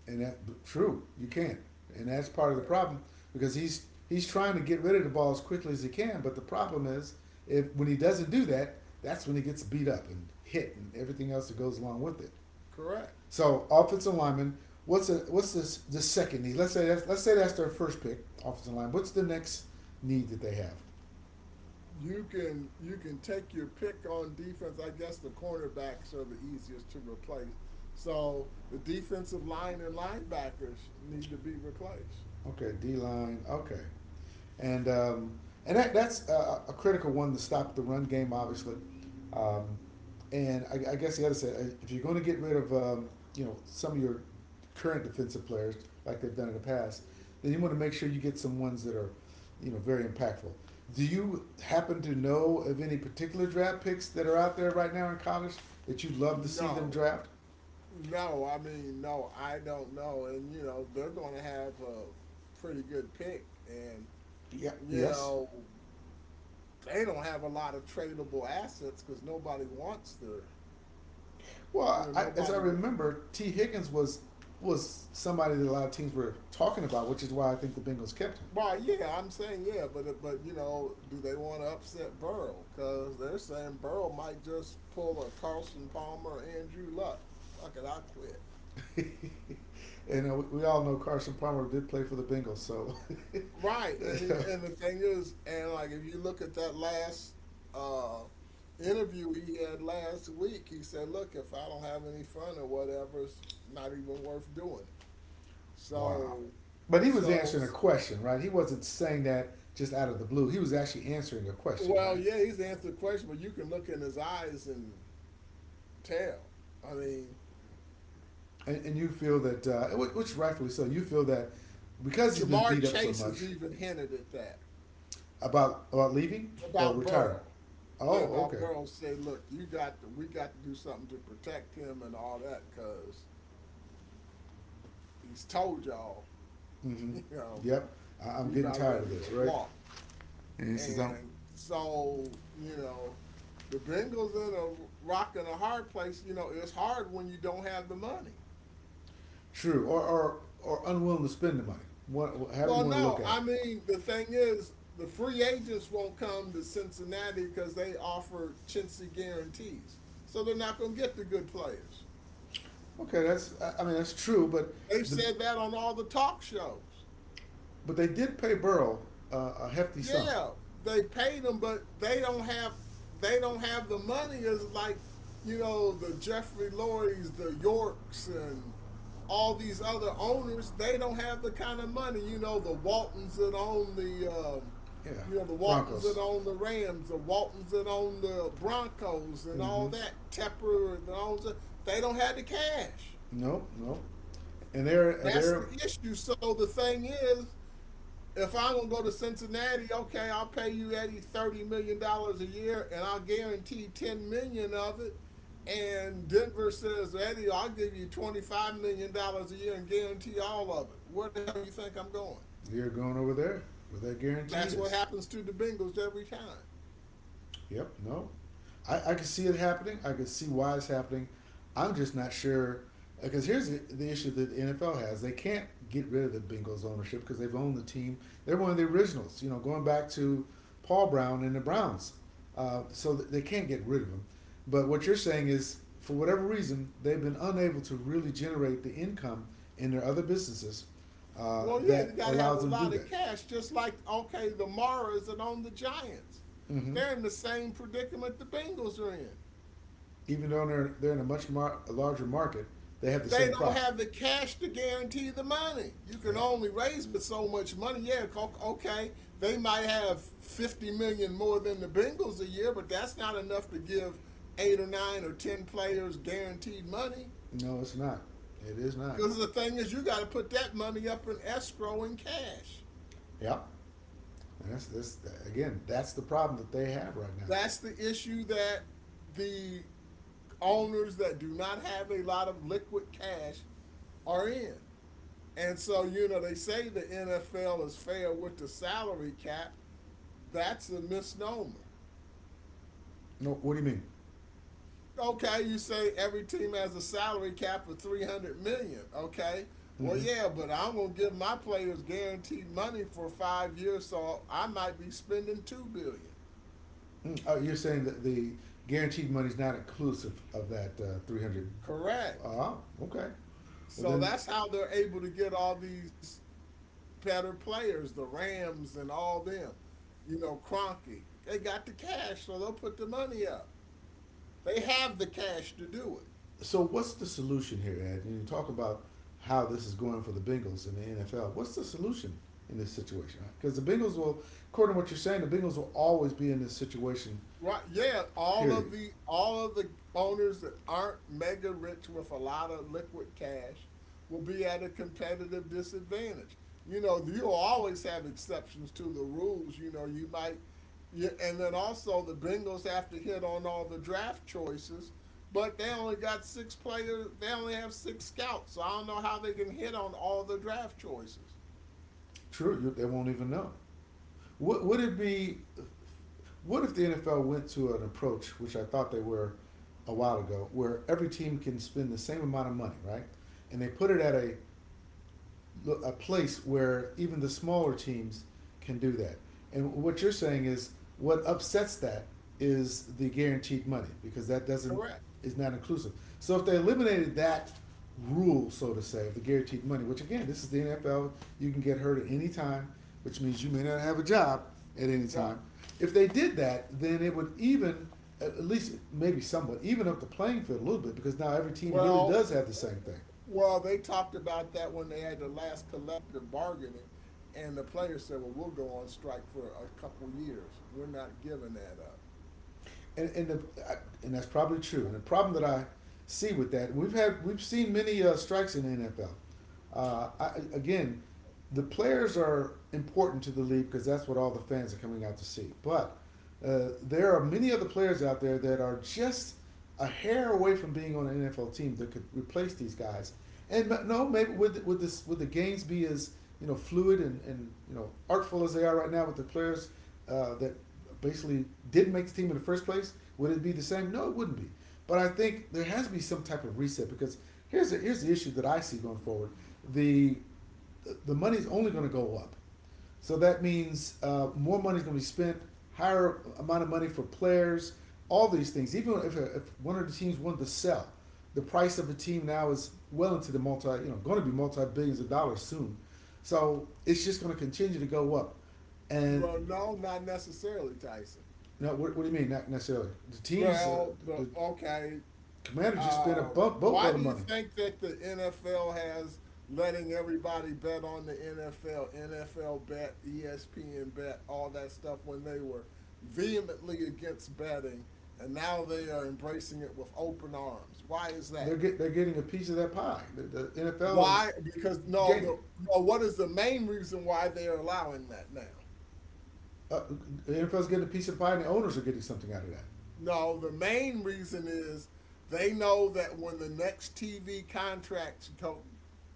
[SPEAKER 1] And that, true, you can't, and that's part of
[SPEAKER 2] Yeah,
[SPEAKER 1] the problem because he's trying to get rid of the ball as quickly as he can. But the problem is if when he doesn't do that, that's when he gets beat up and hit and everything else that goes along with it.
[SPEAKER 2] correct.
[SPEAKER 1] So offensive lineman, what's a, what's this the second need? Let's say that's their first pick, offensive line. What's the next need that they have?
[SPEAKER 2] You can take your pick on defense. I guess the cornerbacks are the easiest to replace. So the defensive line and linebackers need to be replaced.
[SPEAKER 1] Okay, D line. Okay, and a critical one to stop the run game, obviously. Um, and I guess the other side, if you're going to get rid of some of your current defensive players like they've done in the past, then you want to make sure you get some ones that are very impactful. Do you happen to know of any particular draft picks that are out there right now in college that you'd love to see them
[SPEAKER 2] No,
[SPEAKER 1] draft?
[SPEAKER 2] No, I mean, no, I don't know. And, you know, they're going to have a pretty good pick. And,
[SPEAKER 1] Yeah.
[SPEAKER 2] you
[SPEAKER 1] Yes.
[SPEAKER 2] know, they don't have a lot of tradable assets because nobody wants their, you
[SPEAKER 1] Well,
[SPEAKER 2] know,
[SPEAKER 1] I, as I
[SPEAKER 2] nobody. Wa-
[SPEAKER 1] remember, T. Higgins was somebody that a lot of teams were talking about, which is why I think the Bengals kept
[SPEAKER 2] Well, yeah, I'm saying, yeah, but you know, do they want to upset Burrow? Because they're saying Burrow might just pull a Carson Palmer, Andrew Luck. Fuck it, I quit.
[SPEAKER 1] him. And we all know Carson Palmer did play for the Bengals, so
[SPEAKER 2] Right, and he, and the thing is, and like if you look at that last uh, interview he had last week, he said, "Look, if I don't have any fun or whatever, it's not even worth doing it."
[SPEAKER 1] wow.
[SPEAKER 2] So,
[SPEAKER 1] But he was
[SPEAKER 2] so
[SPEAKER 1] answering a question, right? He wasn't saying that just out of the blue. He was actually answering a question,
[SPEAKER 2] well,
[SPEAKER 1] right?
[SPEAKER 2] yeah, he's answered the question, but you can look in his eyes and tell. I mean,
[SPEAKER 1] And you feel that, which rightfully so, you feel that because he's been
[SPEAKER 2] Jamar
[SPEAKER 1] beat up so
[SPEAKER 2] Chase has
[SPEAKER 1] much
[SPEAKER 2] even hinted at that
[SPEAKER 1] about leaving or
[SPEAKER 2] about
[SPEAKER 1] retiring.
[SPEAKER 2] Burrow. Yeah,
[SPEAKER 1] Oh,
[SPEAKER 2] about
[SPEAKER 1] okay.
[SPEAKER 2] Burrow. Say, look, we got to do something to protect him and all that, cause he's told y'all
[SPEAKER 1] Mm-hmm.
[SPEAKER 2] you know,
[SPEAKER 1] Yep. I, I'm
[SPEAKER 2] he
[SPEAKER 1] getting
[SPEAKER 2] about
[SPEAKER 1] tired of
[SPEAKER 2] ready to
[SPEAKER 1] this, right?
[SPEAKER 2] walk. And so, you know, the Bengals in a rock and a hard place, you know, it's hard when you don't have the money.
[SPEAKER 1] True. Or unwilling to spend the money. What, however you
[SPEAKER 2] Well,
[SPEAKER 1] want to look
[SPEAKER 2] no,
[SPEAKER 1] at it.
[SPEAKER 2] I mean, the thing is, the free agents won't come to Cincinnati because they offer chintzy guarantees. So they're not going to get the good players.
[SPEAKER 1] Okay, that's. I mean, that's true, but
[SPEAKER 2] They've
[SPEAKER 1] the,
[SPEAKER 2] said that on all the talk shows.
[SPEAKER 1] but they did pay Burrow a hefty sum.
[SPEAKER 2] Yeah, they paid them, but they don't have the money. It's like you know the Jeffrey Lorries, the Yorks, and all these other owners. They don't have the kind of money.
[SPEAKER 1] Yeah,
[SPEAKER 2] You know the Waltons that
[SPEAKER 1] Broncos.
[SPEAKER 2] own the Rams, the Waltons that own the Broncos, and all
[SPEAKER 1] Mm-hmm.
[SPEAKER 2] that. Tepper that owns it. They don't have the cash.
[SPEAKER 1] No, no, and they're
[SPEAKER 2] That's
[SPEAKER 1] they're
[SPEAKER 2] the issue. So the thing is, if I want to go to Cincinnati, okay, I'll pay you Eddie $30 million a year, and I'll guarantee $10 million of it. And Denver says, Eddie, I'll give you $25 million a year and guarantee all of it. Where the hell you think I'm going?
[SPEAKER 1] they're going over there where their guarantee
[SPEAKER 2] That's what
[SPEAKER 1] is.
[SPEAKER 2] happens to the Bengals every time.
[SPEAKER 1] Yep. No. I can see it happening. I can see why it's happening. I'm just not sure because here's the issue that the NFL has. They can't get rid of the Bengals ownership because they've owned the team. They're one of the originals. You know, going back to Paul Brown and the Browns. So they can't get rid of them. But what you're saying is, for whatever reason, they've been unable to really generate the income in their other businesses
[SPEAKER 2] Well, yeah, you
[SPEAKER 1] that
[SPEAKER 2] got to have
[SPEAKER 1] allows
[SPEAKER 2] a
[SPEAKER 1] them to do
[SPEAKER 2] lot of
[SPEAKER 1] that.
[SPEAKER 2] cash, just like okay, the Maras that own the Giants.
[SPEAKER 1] Mm-hmm.
[SPEAKER 2] They're in the same predicament the Bengals are in.
[SPEAKER 1] Even though they're in a much a larger market, they have the
[SPEAKER 2] They
[SPEAKER 1] same
[SPEAKER 2] don't
[SPEAKER 1] problem.
[SPEAKER 2] have the cash to guarantee the money. You can
[SPEAKER 1] Yeah.
[SPEAKER 2] only raise but so much money. Yeah, okay. They might have 50 million more than the Bengals a year, but that's not enough to give eight or nine or 10 players guaranteed money.
[SPEAKER 1] No, it's not. It is not.
[SPEAKER 2] Because the thing is, you got to put that money up in escrow in cash.
[SPEAKER 1] Yeah. And that's again, that's the problem that they have right now.
[SPEAKER 2] That's the issue that the owners that do not have a lot of liquid cash are in. And so they say the NFL is fair with the salary cap. That's a misnomer.
[SPEAKER 1] No, what do you mean?
[SPEAKER 2] Okay, you say every team has a salary cap of 300 million dollars. Okay. Well,
[SPEAKER 1] Mm-hmm.
[SPEAKER 2] yeah, but I'm going to give my players guaranteed money for 5 years, so I might be spending 2 billion dollars.
[SPEAKER 1] Mm. Oh, you're saying that the guaranteed money is not inclusive of that 300.
[SPEAKER 2] Correct.
[SPEAKER 1] Ah, okay. Well,
[SPEAKER 2] So
[SPEAKER 1] then
[SPEAKER 2] that's how they're able to get all these better players, the Rams and all them. You know, Cronky. They got the cash, so they'll put the money up. They have the cash to do it.
[SPEAKER 1] so what's the solution here, Ed? And you talk about how this is going for the Bengals in the NFL. What's the solution in this situation? Because the Bengals will, according to what you're saying, the Bengals will always be in this situation.
[SPEAKER 2] Right. Yeah, all of
[SPEAKER 1] Period.
[SPEAKER 2] the all of the owners that aren't mega rich with a lot of liquid cash will be at a competitive disadvantage. You know, you'll always have exceptions to the rules. You know, and then also the Bengals have to hit on all the draft choices, but they only got six players. They only have six scouts, so I don't know how they can hit on all the draft choices.
[SPEAKER 1] True, they won't even know. What would it be? What if the NFL went to an approach, which I thought they were a while ago, where every team can spend the same amount of money, right? And they put it at a place where even the smaller teams can do that. And what you're saying is what upsets that is the guaranteed money because that doesn't
[SPEAKER 2] Correct.
[SPEAKER 1] is not inclusive. So if they eliminated that rule, so to say, of the guaranteed money, which again, this is the NFL, you can get hurt at any time, which means you may not have a job at any
[SPEAKER 2] Right.
[SPEAKER 1] time. If they did that, then it would even at least maybe somewhat even up the playing field a little bit because now every team really
[SPEAKER 2] Well,
[SPEAKER 1] does have the same thing.
[SPEAKER 2] Well, they talked about that when they had the last collective bargaining, and the players said, "Well, we'll go on strike for a couple years. We're not giving that up."
[SPEAKER 1] and and the, and that's probably true. And the problem that I see with that, we've seen many strikes in the NFL. I, again, the players are important to the league because that's what all the fans are coming out to see. But there are many other players out there that are just a hair away from being on an NFL team that could replace these guys. And no, maybe would the games be as fluid and artful as they are right now with the players that basically didn't make the team in the first place? Would it be the same? No, it wouldn't be. But I think there has to be some type of reset because here's the issue that I see going forward. The the money's only going to go up. So that means more money is going to be spent, higher amount of money for players, all these things. Even if one of the teams wanted to sell, the price of a team now is well into the multi, you know, going to be multi billions of dollars soon. So it's just going to continue to go up. And
[SPEAKER 2] Well, no, not necessarily, Tyson.
[SPEAKER 1] no, what do you mean? Not necessarily. The teams,
[SPEAKER 2] Well, the
[SPEAKER 1] the
[SPEAKER 2] okay.
[SPEAKER 1] commander just spent a
[SPEAKER 2] Um, why
[SPEAKER 1] boatload of
[SPEAKER 2] do you
[SPEAKER 1] money.
[SPEAKER 2] think that the NFL has letting everybody bet on the NFL, NFL bet, ESPN bet, all that stuff when they were vehemently against betting, and now they are embracing it with open arms? Why is
[SPEAKER 1] They're
[SPEAKER 2] that?
[SPEAKER 1] get, they're getting a piece of that pie. The NFL is
[SPEAKER 2] Why? Because no, the
[SPEAKER 1] getting.
[SPEAKER 2] no, what is the main reason why they're allowing that now?
[SPEAKER 1] Uh, the NFL is getting a piece of pie, and the owners are getting something out of that.
[SPEAKER 2] No, the main reason is they know that when the next TV contracts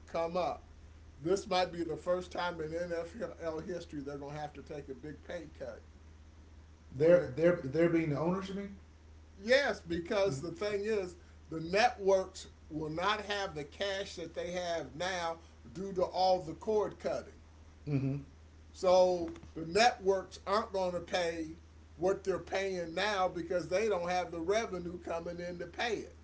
[SPEAKER 2] come up, this might be the first time in NFL history they're going to have to take a big pay cut. When
[SPEAKER 1] They're
[SPEAKER 2] the,
[SPEAKER 1] they're they're being the owners, you mean?
[SPEAKER 2] yes, because the thing is, the networks will not have the cash that they have now due to all the cord cutting.
[SPEAKER 1] Mm-hmm.
[SPEAKER 2] So the networks aren't going to pay what they're paying now because they don't have the revenue coming in to pay it.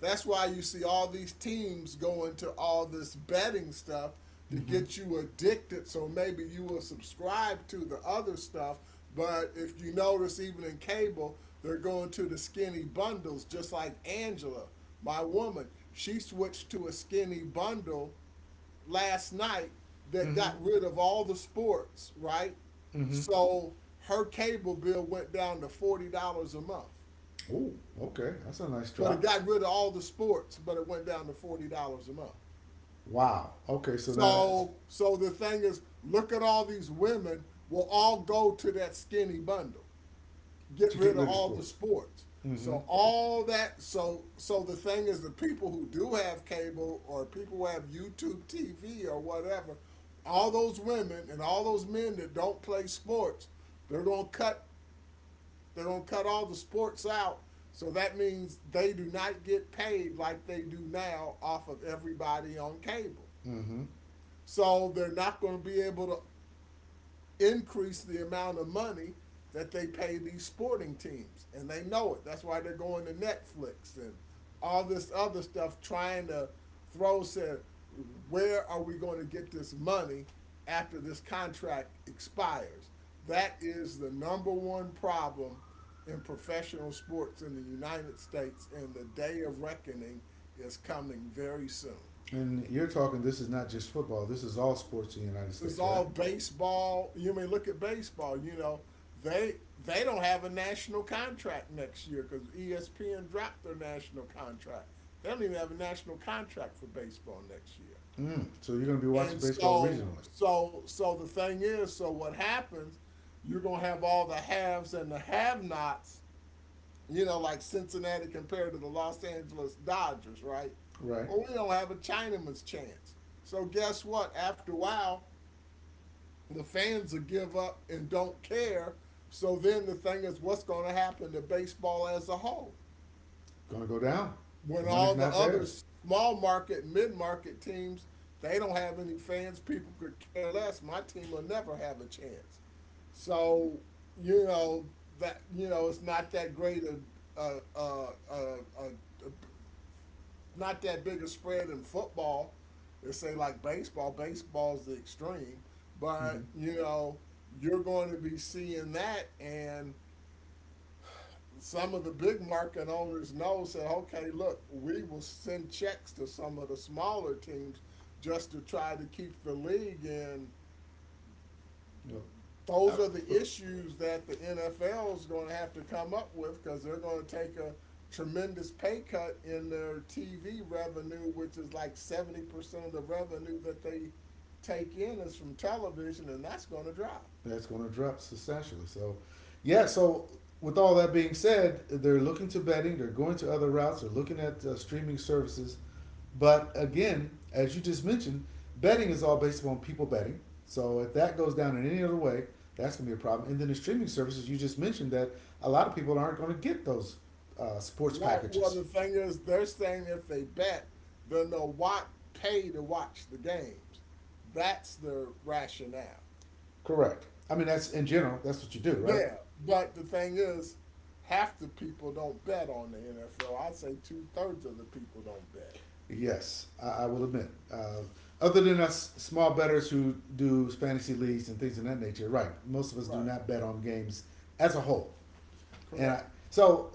[SPEAKER 2] That's why you see all these teams going to all this betting stuff to
[SPEAKER 1] Mm-hmm.
[SPEAKER 2] get you addicted. So maybe you will subscribe to the other stuff. But if you notice, even in cable, they're going to the skinny bundles, just like Angela, my woman. She switched to a skinny bundle last night that
[SPEAKER 1] Mm-hmm.
[SPEAKER 2] got rid of all the sports, right?
[SPEAKER 1] Mm-hmm.
[SPEAKER 2] So her cable bill went down to $40 a month.
[SPEAKER 1] Oh, okay. That's a nice
[SPEAKER 2] But it
[SPEAKER 1] drop.
[SPEAKER 2] got rid of all the sports, but it went down to $40 a month.
[SPEAKER 1] Wow. Okay, so now that's
[SPEAKER 2] So the thing is, look at all these women will all go to that skinny bundle, get
[SPEAKER 1] to get
[SPEAKER 2] rid of
[SPEAKER 1] rid of
[SPEAKER 2] all the
[SPEAKER 1] sports.
[SPEAKER 2] sports.
[SPEAKER 1] Mm-hmm.
[SPEAKER 2] So all that so the thing is, the people who do have cable or people who have YouTube TV or whatever, all those women and all those men that don't play sports, they're gonna cut they're gonna cut all the sports out. So that means they do not get paid like they do now off of everybody on cable.
[SPEAKER 1] Mm-hmm.
[SPEAKER 2] So they're not gonna be able to increase the amount of money that they pay these sporting teams. And they know it. That's why they're going to Netflix and all this other stuff trying to throw said, where are we going to get this money after this contract expires? That is the number one problem in professional sports in the United States, and the day of reckoning is coming very soon.
[SPEAKER 1] And you're talking this is not just football, this is all sports in the United
[SPEAKER 2] It's
[SPEAKER 1] States, right?
[SPEAKER 2] all baseball. You mean, look at baseball. You know they don't have a national contract next year because ESPN dropped their national contract. They don't even have a national contract for baseball next year.
[SPEAKER 1] Mm. So you're gonna be watching
[SPEAKER 2] And
[SPEAKER 1] baseball
[SPEAKER 2] so
[SPEAKER 1] regionally.
[SPEAKER 2] so so the thing is, so what happens? You're gonna have all the haves and the have-nots. You know, like Cincinnati compared to the Los Angeles Dodgers, right?
[SPEAKER 1] Right.
[SPEAKER 2] Well, we don't have a Chinaman's chance. So guess what? After a while, the fans will give up and don't care. So then the thing is, what's going to happen to baseball as a whole?
[SPEAKER 1] Gonna go down. The
[SPEAKER 2] When
[SPEAKER 1] money's
[SPEAKER 2] all the
[SPEAKER 1] not
[SPEAKER 2] other
[SPEAKER 1] there.
[SPEAKER 2] small market, mid market teams, they don't have any fans, people could care less. My team will never have a chance. So, you know, that, you know, it's not that great a, a, a, a not that big a spread in football and say like baseball. Baseball's the extreme,
[SPEAKER 1] Mm-hmm.
[SPEAKER 2] but you know you're going to be seeing that, and some of the big market owners know said, okay, look, we will send checks to some of the smaller teams just to try to keep the league in.
[SPEAKER 1] Yep.
[SPEAKER 2] Those
[SPEAKER 1] Uh,
[SPEAKER 2] are the
[SPEAKER 1] but
[SPEAKER 2] issues that the NFL is going to have to come up with because they're going to take a tremendous pay cut in their TV revenue, which is like 70% of the revenue that they take in is from television, and that's going to drop.
[SPEAKER 1] that's going to drop substantially. So, yeah. So with all that being said, they're looking to betting. They're going to other routes. They're looking at streaming services. But again, as you just mentioned, betting is all based upon people betting. So if that goes down in any other way, that's going to be a problem. And then the streaming services you just mentioned that a lot of people aren't going to get those sports
[SPEAKER 2] Right. Well,
[SPEAKER 1] packages.
[SPEAKER 2] the thing is, they're saying if they bet, then they'll watch, pay to watch the games. That's their rationale.
[SPEAKER 1] Correct. I mean, that's in general. That's what you do, right?
[SPEAKER 2] Yeah, but the thing is, half the people don't bet on the NFL. I'd say two-thirds of the people don't bet.
[SPEAKER 1] Yes, I will admit. Other than us small betters who do fantasy leagues and things of that nature, right? Most of us do
[SPEAKER 2] Right,
[SPEAKER 1] not bet on games as a whole. And I,
[SPEAKER 2] correct.
[SPEAKER 1] so,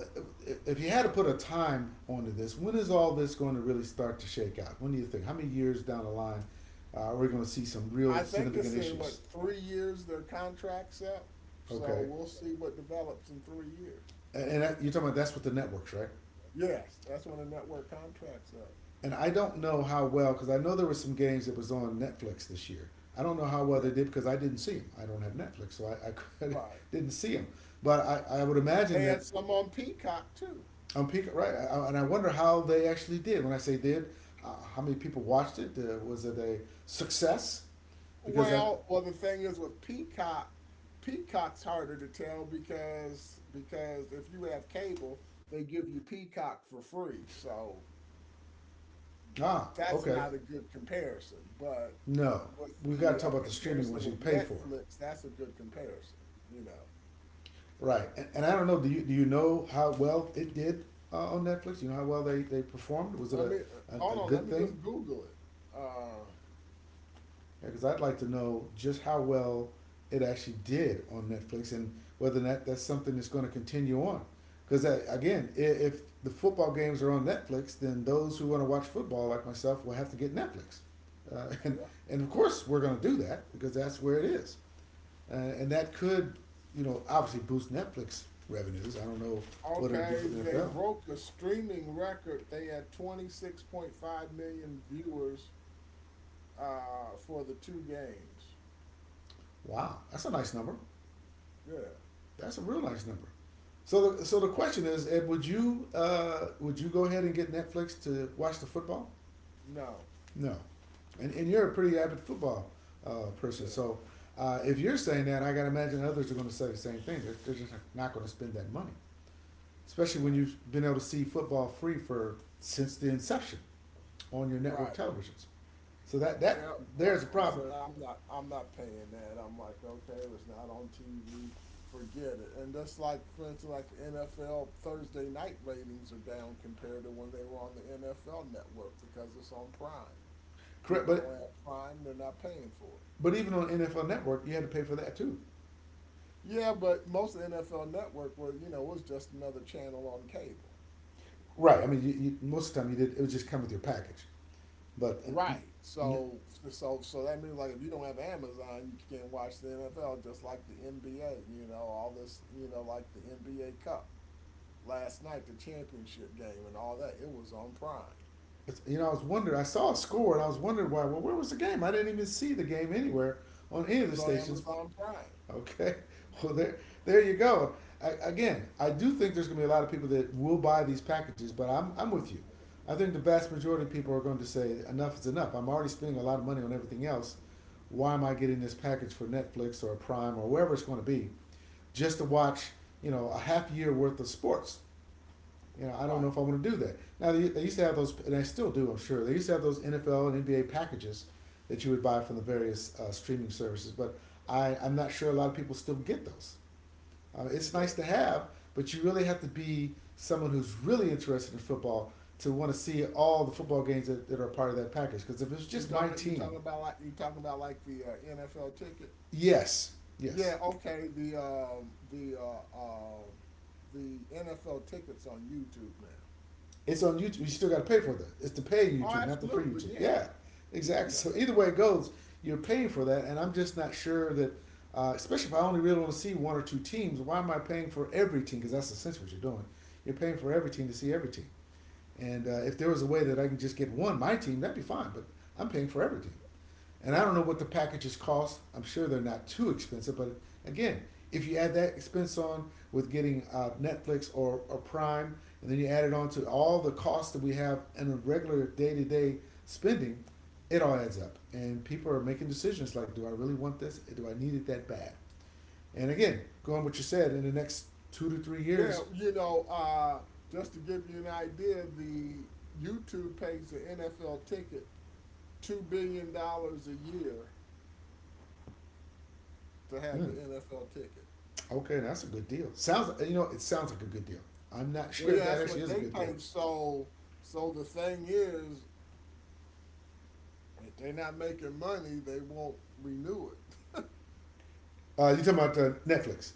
[SPEAKER 1] if- you had to put a time onto this, when is all this going to really start to shake out? When do you think? How many years down the line are we going to see some real
[SPEAKER 2] I think
[SPEAKER 1] significant
[SPEAKER 2] it's in
[SPEAKER 1] issues?
[SPEAKER 2] what, 3 years their contract's up. So
[SPEAKER 1] Okay,
[SPEAKER 2] we'll see what develops in 3 years.
[SPEAKER 1] and that, you're talking about that's with the networks, right?
[SPEAKER 2] Yes, that's when the network contract's up.
[SPEAKER 1] And I don't know how well because I know there were some games that was on Netflix this year. I don't know how well
[SPEAKER 2] Yeah,
[SPEAKER 1] they did because I didn't see them. I don't have Netflix, so I
[SPEAKER 2] right.
[SPEAKER 1] didn't see them. But I would imagine
[SPEAKER 2] They
[SPEAKER 1] that
[SPEAKER 2] had some on Peacock too.
[SPEAKER 1] on Peacock, right? I, and I wonder how they actually did. When I say did, uh, how many people watched it? Was it a success? Because I
[SPEAKER 2] Well, the thing is with Peacock, Peacock's harder to tell because if you have cable, they give you Peacock for free, so
[SPEAKER 1] ah okay
[SPEAKER 2] that's not a good comparison. But
[SPEAKER 1] no, we got to talk
[SPEAKER 2] with
[SPEAKER 1] about the
[SPEAKER 2] the
[SPEAKER 1] streaming ones you pay for,
[SPEAKER 2] comparison with Netflix, that's a good comparison. You know,
[SPEAKER 1] right? And I don't know. Do you know how well it did on Netflix? Do you know how well they performed? Was it
[SPEAKER 2] I
[SPEAKER 1] a
[SPEAKER 2] mean,
[SPEAKER 1] good thing?
[SPEAKER 2] hold on, let me just Google it. Uh,
[SPEAKER 1] Because I'd like to know just how well it actually did on Netflix and whether that that's something that's going to continue on. Because again, if the football games are on Netflix, then those who want to watch football, like myself, will have to get Netflix, uh, and
[SPEAKER 2] yeah.
[SPEAKER 1] and of course we're going to do that because that's where it is, and that could, you know, obviously boost Netflix revenues. I don't know what it'll do for
[SPEAKER 2] Okay,
[SPEAKER 1] the
[SPEAKER 2] they
[SPEAKER 1] NFL.
[SPEAKER 2] broke a streaming record. They had 26.5 million viewers for the two games.
[SPEAKER 1] Wow, that's a nice number.
[SPEAKER 2] Yeah,
[SPEAKER 1] That's a real nice number.
[SPEAKER 2] yeah.
[SPEAKER 1] So, the question is, Ed, would you go ahead and get Netflix to watch the football?
[SPEAKER 2] No,
[SPEAKER 1] No, and you're a pretty avid football person.
[SPEAKER 2] yeah.
[SPEAKER 1] So, if you're saying that, I got to imagine others are going to say the same thing. They're just not going to spend that money, especially when
[SPEAKER 2] Right,
[SPEAKER 1] you've been able to see football free for since the inception on your network
[SPEAKER 2] right.
[SPEAKER 1] televisions. So that
[SPEAKER 2] Yeah, no,
[SPEAKER 1] there's a
[SPEAKER 2] I'm
[SPEAKER 1] problem.
[SPEAKER 2] saying I'm not. I'm not paying that. I'm like, okay, it was not on TV. Forget it. And that's like, for instance, like the NFL Thursday night ratings are down compared to when they were on the NFL Network because it's on Prime.
[SPEAKER 1] Correct,
[SPEAKER 2] People
[SPEAKER 1] but
[SPEAKER 2] don't have Prime; they're not paying for it.
[SPEAKER 1] but even on NFL Network, you had to pay for that too.
[SPEAKER 2] Yeah, but most of the NFL Network was, you know, was just another channel on cable.
[SPEAKER 1] Right. I mean, you most of the time you did. It would just come with your package, but. uh,
[SPEAKER 2] Right. So that means like if you don't have Amazon, you can't watch the NFL just like the NBA, you know, all this, you know, like the NBA Cup. Last night the championship game and all that, it was on Prime.
[SPEAKER 1] I was wondering. I saw a score, and I was wondering why. Well, where was the game? I didn't even see the game anywhere on
[SPEAKER 2] It
[SPEAKER 1] any of
[SPEAKER 2] was
[SPEAKER 1] the
[SPEAKER 2] on
[SPEAKER 1] stations.
[SPEAKER 2] Amazon Prime.
[SPEAKER 1] Okay, well there you go. Again, I do think there's going to be a lot of people that will buy these packages, but I'm with you. I think the vast majority of people are going to say enough is enough. I'm already spending a lot of money on everything else. Why am I getting this package for Netflix or Prime or wherever it's going to be just to watch, a half year worth of sports? I don't know
[SPEAKER 2] Right.
[SPEAKER 1] if I want to do that. Now they used to have those, and I still do, I'm sure. They used to have those NFL and NBA packages that you would buy from the various streaming services, but I'm not sure a lot of people still get those. It's
[SPEAKER 2] Yeah.
[SPEAKER 1] nice to have, but you really have to be someone who's really interested in football to want to see all the football games that are part of that package. Because if it's just my
[SPEAKER 2] You
[SPEAKER 1] team,
[SPEAKER 2] talking about like you talking about like the NFL ticket?
[SPEAKER 1] yes, yes,
[SPEAKER 2] Yeah, okay, the NFL tickets on YouTube now.
[SPEAKER 1] it's on YouTube. You still got to pay for that. It's the pay
[SPEAKER 2] Oh,
[SPEAKER 1] YouTube, not the free
[SPEAKER 2] absolutely.
[SPEAKER 1] YouTube.
[SPEAKER 2] Yeah.
[SPEAKER 1] Yeah,
[SPEAKER 2] Yeah,
[SPEAKER 1] exactly.
[SPEAKER 2] you got to
[SPEAKER 1] So
[SPEAKER 2] pay
[SPEAKER 1] either way
[SPEAKER 2] for
[SPEAKER 1] it goes, you're paying for that, and I'm just not sure that. Especially if I only really want to see one or two teams, why am I paying for every team? Because that's essentially what you're doing. You're paying for every team to see every team. And if there was a way that I can just get one, my team, that'd be fine. But I'm paying for every team.
[SPEAKER 2] it.
[SPEAKER 1] And I
[SPEAKER 2] Right.
[SPEAKER 1] don't know what the packages cost. I'm sure they're not too expensive, but again, if you add that expense on with getting Netflix or Prime, and then you add it on to all the costs that we have in a regular day to day spending, it all adds up. And people are making decisions like, do I really want this? Do I need it that bad? And again, going what you said, in the next two to three
[SPEAKER 2] Yeah,
[SPEAKER 1] years,
[SPEAKER 2] you know, just to give you an idea, the YouTube pays the NFL ticket $2 billion a year to have
[SPEAKER 1] mm,
[SPEAKER 2] the NFL ticket.
[SPEAKER 1] okay, that's a good deal. It sounds like a good deal. I'm not
[SPEAKER 2] Well,
[SPEAKER 1] sure if
[SPEAKER 2] yeah,
[SPEAKER 1] that
[SPEAKER 2] that's
[SPEAKER 1] actually
[SPEAKER 2] what
[SPEAKER 1] is a
[SPEAKER 2] they
[SPEAKER 1] good deal.
[SPEAKER 2] pay. So, so the thing is, if they're not making money, they won't renew it.
[SPEAKER 1] You talking about Netflix?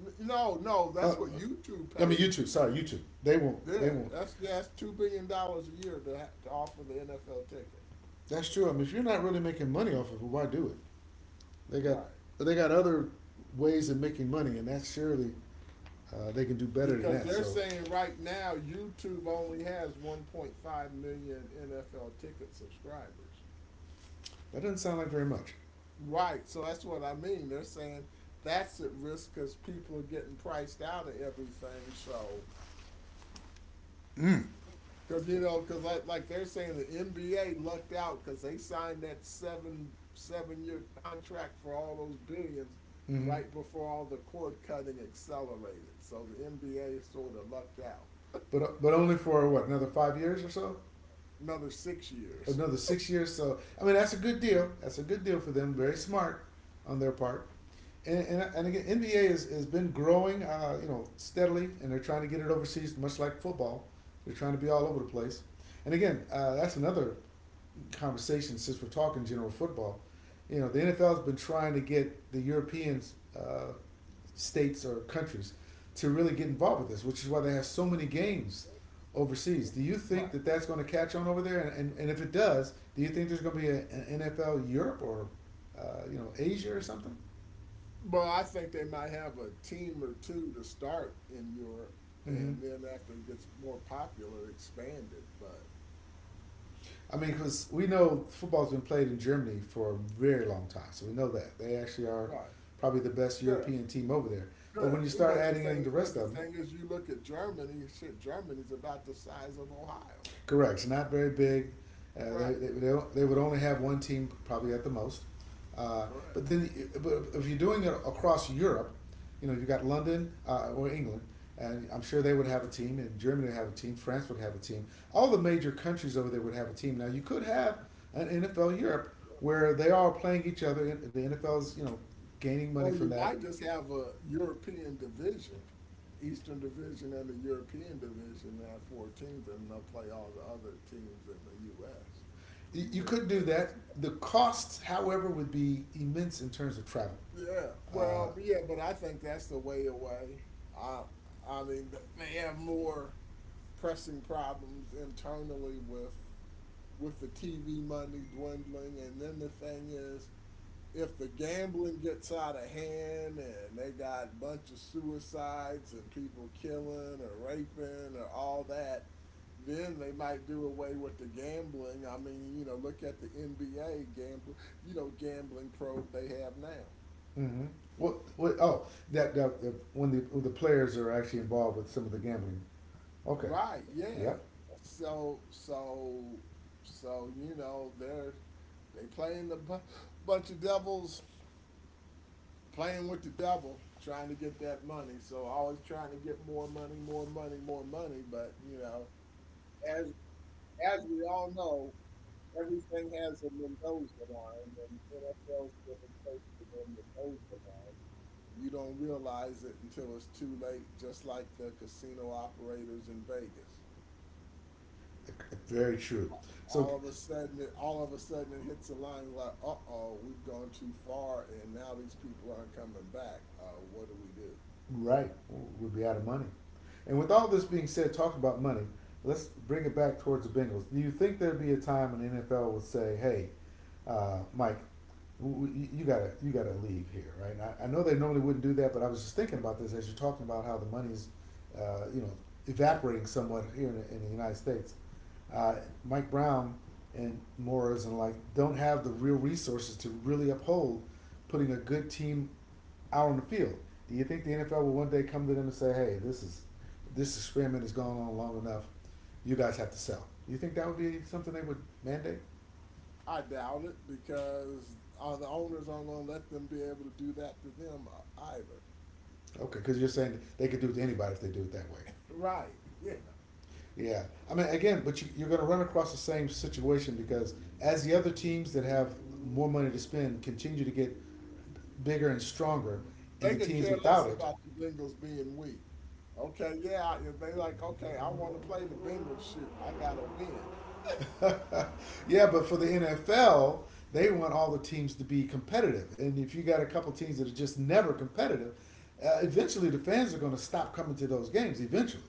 [SPEAKER 2] No, no,
[SPEAKER 1] Uh,
[SPEAKER 2] that's what YouTube
[SPEAKER 1] I mean,
[SPEAKER 2] pays.
[SPEAKER 1] YouTube. Sorry, YouTube. They won't. They
[SPEAKER 2] Yeah,
[SPEAKER 1] won't.
[SPEAKER 2] that's $2 billion a year to to offer the NFL ticket.
[SPEAKER 1] That's true. I mean, if you're not really making money off of it, why do it? They got
[SPEAKER 2] Right.
[SPEAKER 1] they got other ways of making money, and that's surely they can do better than
[SPEAKER 2] Because
[SPEAKER 1] that.
[SPEAKER 2] they're
[SPEAKER 1] So
[SPEAKER 2] saying right now YouTube only has 1.5 million NFL ticket subscribers.
[SPEAKER 1] that doesn't sound like very much.
[SPEAKER 2] Right, so that's what I mean. They're saying that's at risk because people are getting priced out of everything. So,
[SPEAKER 1] Mm.
[SPEAKER 2] because you know, because like they're saying the NBA lucked out because they signed that seven year contract for all those billions
[SPEAKER 1] Hmm.
[SPEAKER 2] right before all the cord cutting accelerated. So the NBA sort of lucked out.
[SPEAKER 1] But only for what another 5 years or so,
[SPEAKER 2] Another 6 years.
[SPEAKER 1] another 6 years. So I mean, that's a good deal. That's a good deal for them.
[SPEAKER 2] Yeah,
[SPEAKER 1] Very smart on their part. And again, NBA has been growing, steadily, and they're trying to get it overseas, much like football. They're trying to be all over the place. And again, that's another conversation since we're talking general football. The NFL has been trying to get the European uh, states or countries to really get involved with this, which is why they have so many games overseas. Do you
[SPEAKER 2] right.
[SPEAKER 1] think that that's going to catch on over there? And if it does, do you think there's going to be an NFL Europe or, Asia or something?
[SPEAKER 2] Well, I think they might have a team or two to start in Europe, and
[SPEAKER 1] Mm-hmm.
[SPEAKER 2] then after it gets more popular, expand it. But
[SPEAKER 1] I mean, because we know football's been played in Germany for a very long time, so we know that they actually are
[SPEAKER 2] right,
[SPEAKER 1] probably the best
[SPEAKER 2] yeah,
[SPEAKER 1] European team over there.
[SPEAKER 2] yeah.
[SPEAKER 1] But when you
[SPEAKER 2] But
[SPEAKER 1] start
[SPEAKER 2] the
[SPEAKER 1] adding
[SPEAKER 2] thing,
[SPEAKER 1] in the
[SPEAKER 2] but the
[SPEAKER 1] rest of them.
[SPEAKER 2] thing is, you look at Germany. Shit, Germany's about the size of Ohio.
[SPEAKER 1] Correct. It's not very big. Uh,
[SPEAKER 2] Right,
[SPEAKER 1] they, they, they, they would only have one team probably at the most. Uh,
[SPEAKER 2] correct.
[SPEAKER 1] but then, but if you're doing it across Europe, you got London, or England, and I'm sure they would have a team, and Germany would have a team, France would have a team. All the major countries over there would have a team. Now, you could have an NFL Europe where they are playing each other, and the NFL's, gaining money
[SPEAKER 2] Or
[SPEAKER 1] from
[SPEAKER 2] you
[SPEAKER 1] that.
[SPEAKER 2] might just have a European division, Eastern Division and the European Division, and have four teams, and they'll play all the other teams in the U.S.
[SPEAKER 1] You,
[SPEAKER 2] You
[SPEAKER 1] you
[SPEAKER 2] would
[SPEAKER 1] could do
[SPEAKER 2] maybe
[SPEAKER 1] that.
[SPEAKER 2] see.
[SPEAKER 1] The costs, however, would be immense in terms of travel.
[SPEAKER 2] Yeah,
[SPEAKER 1] uh,
[SPEAKER 2] well, but I think that's the way away. I, I mean, they have more pressing problems internally with the TV money dwindling, and then the thing is, if the gambling gets out of hand and they got a bunch of suicides and people killing or raping or all that, then they might do away with the gambling. I mean, you know, look at the NBA gambling, you know, gambling probe they have now.
[SPEAKER 1] Mm-hmm. What? Oh, that, that when the players are actually involved with some of the gambling. Okay.
[SPEAKER 2] Right, yeah.
[SPEAKER 1] Yep.
[SPEAKER 2] So so so you know they're they playing the bu- bunch of devils, playing with the devil, trying to get that money. So always trying to get more money, more money, more money. But you know, as as we all know, everything has a Mendoza line, and the NFL's getting close to their Mendoza line. You don't realize it until it's too late. Just like the casino operators in Vegas.
[SPEAKER 1] Very true. So.
[SPEAKER 2] All of a sudden it all of a sudden it hits a line like, uh-oh, we've gone too far and now these people aren't coming back. What do we do?
[SPEAKER 1] Right. We'll be out of money. And with all this being said, talking about money, let's bring it back towards the Bengals. Do you think there'd be a time when the NFL would say, "Hey, Mike, w- you gotta leave here," right? I know they normally wouldn't do that, but I was just thinking about this as you're talking about how the money's, uh, you know, evaporating somewhat here in the United States. Uh, Mike Brown and Morris and like don't have the real resources to really uphold putting a good team out on the field. Do you think the NFL will one day come to them and say, "Hey, this experiment has gone on long enough. You guys have to sell." Do you think that would be something they would mandate?
[SPEAKER 2] I doubt it, because the owners aren't going to let them be able to do that to them, either.
[SPEAKER 1] Okay, because you're saying they could do it to anybody if they do it that way.
[SPEAKER 2] Right. Yeah.
[SPEAKER 1] Yeah, I mean, again, but you're going to run across the same situation because as the other teams that have more money to spend continue to get bigger and stronger, and
[SPEAKER 2] They
[SPEAKER 1] the
[SPEAKER 2] could
[SPEAKER 1] teams
[SPEAKER 2] care less
[SPEAKER 1] without it.
[SPEAKER 2] about the Bengals being weak. Okay, yeah, if they like, okay, I want to play the Bengals, shoot, I gotta win.
[SPEAKER 1] Yeah, but for the NFL, they want all the teams to be competitive. And if you got a couple teams that are just never competitive, eventually the fans are going to stop coming to those games. Eventually,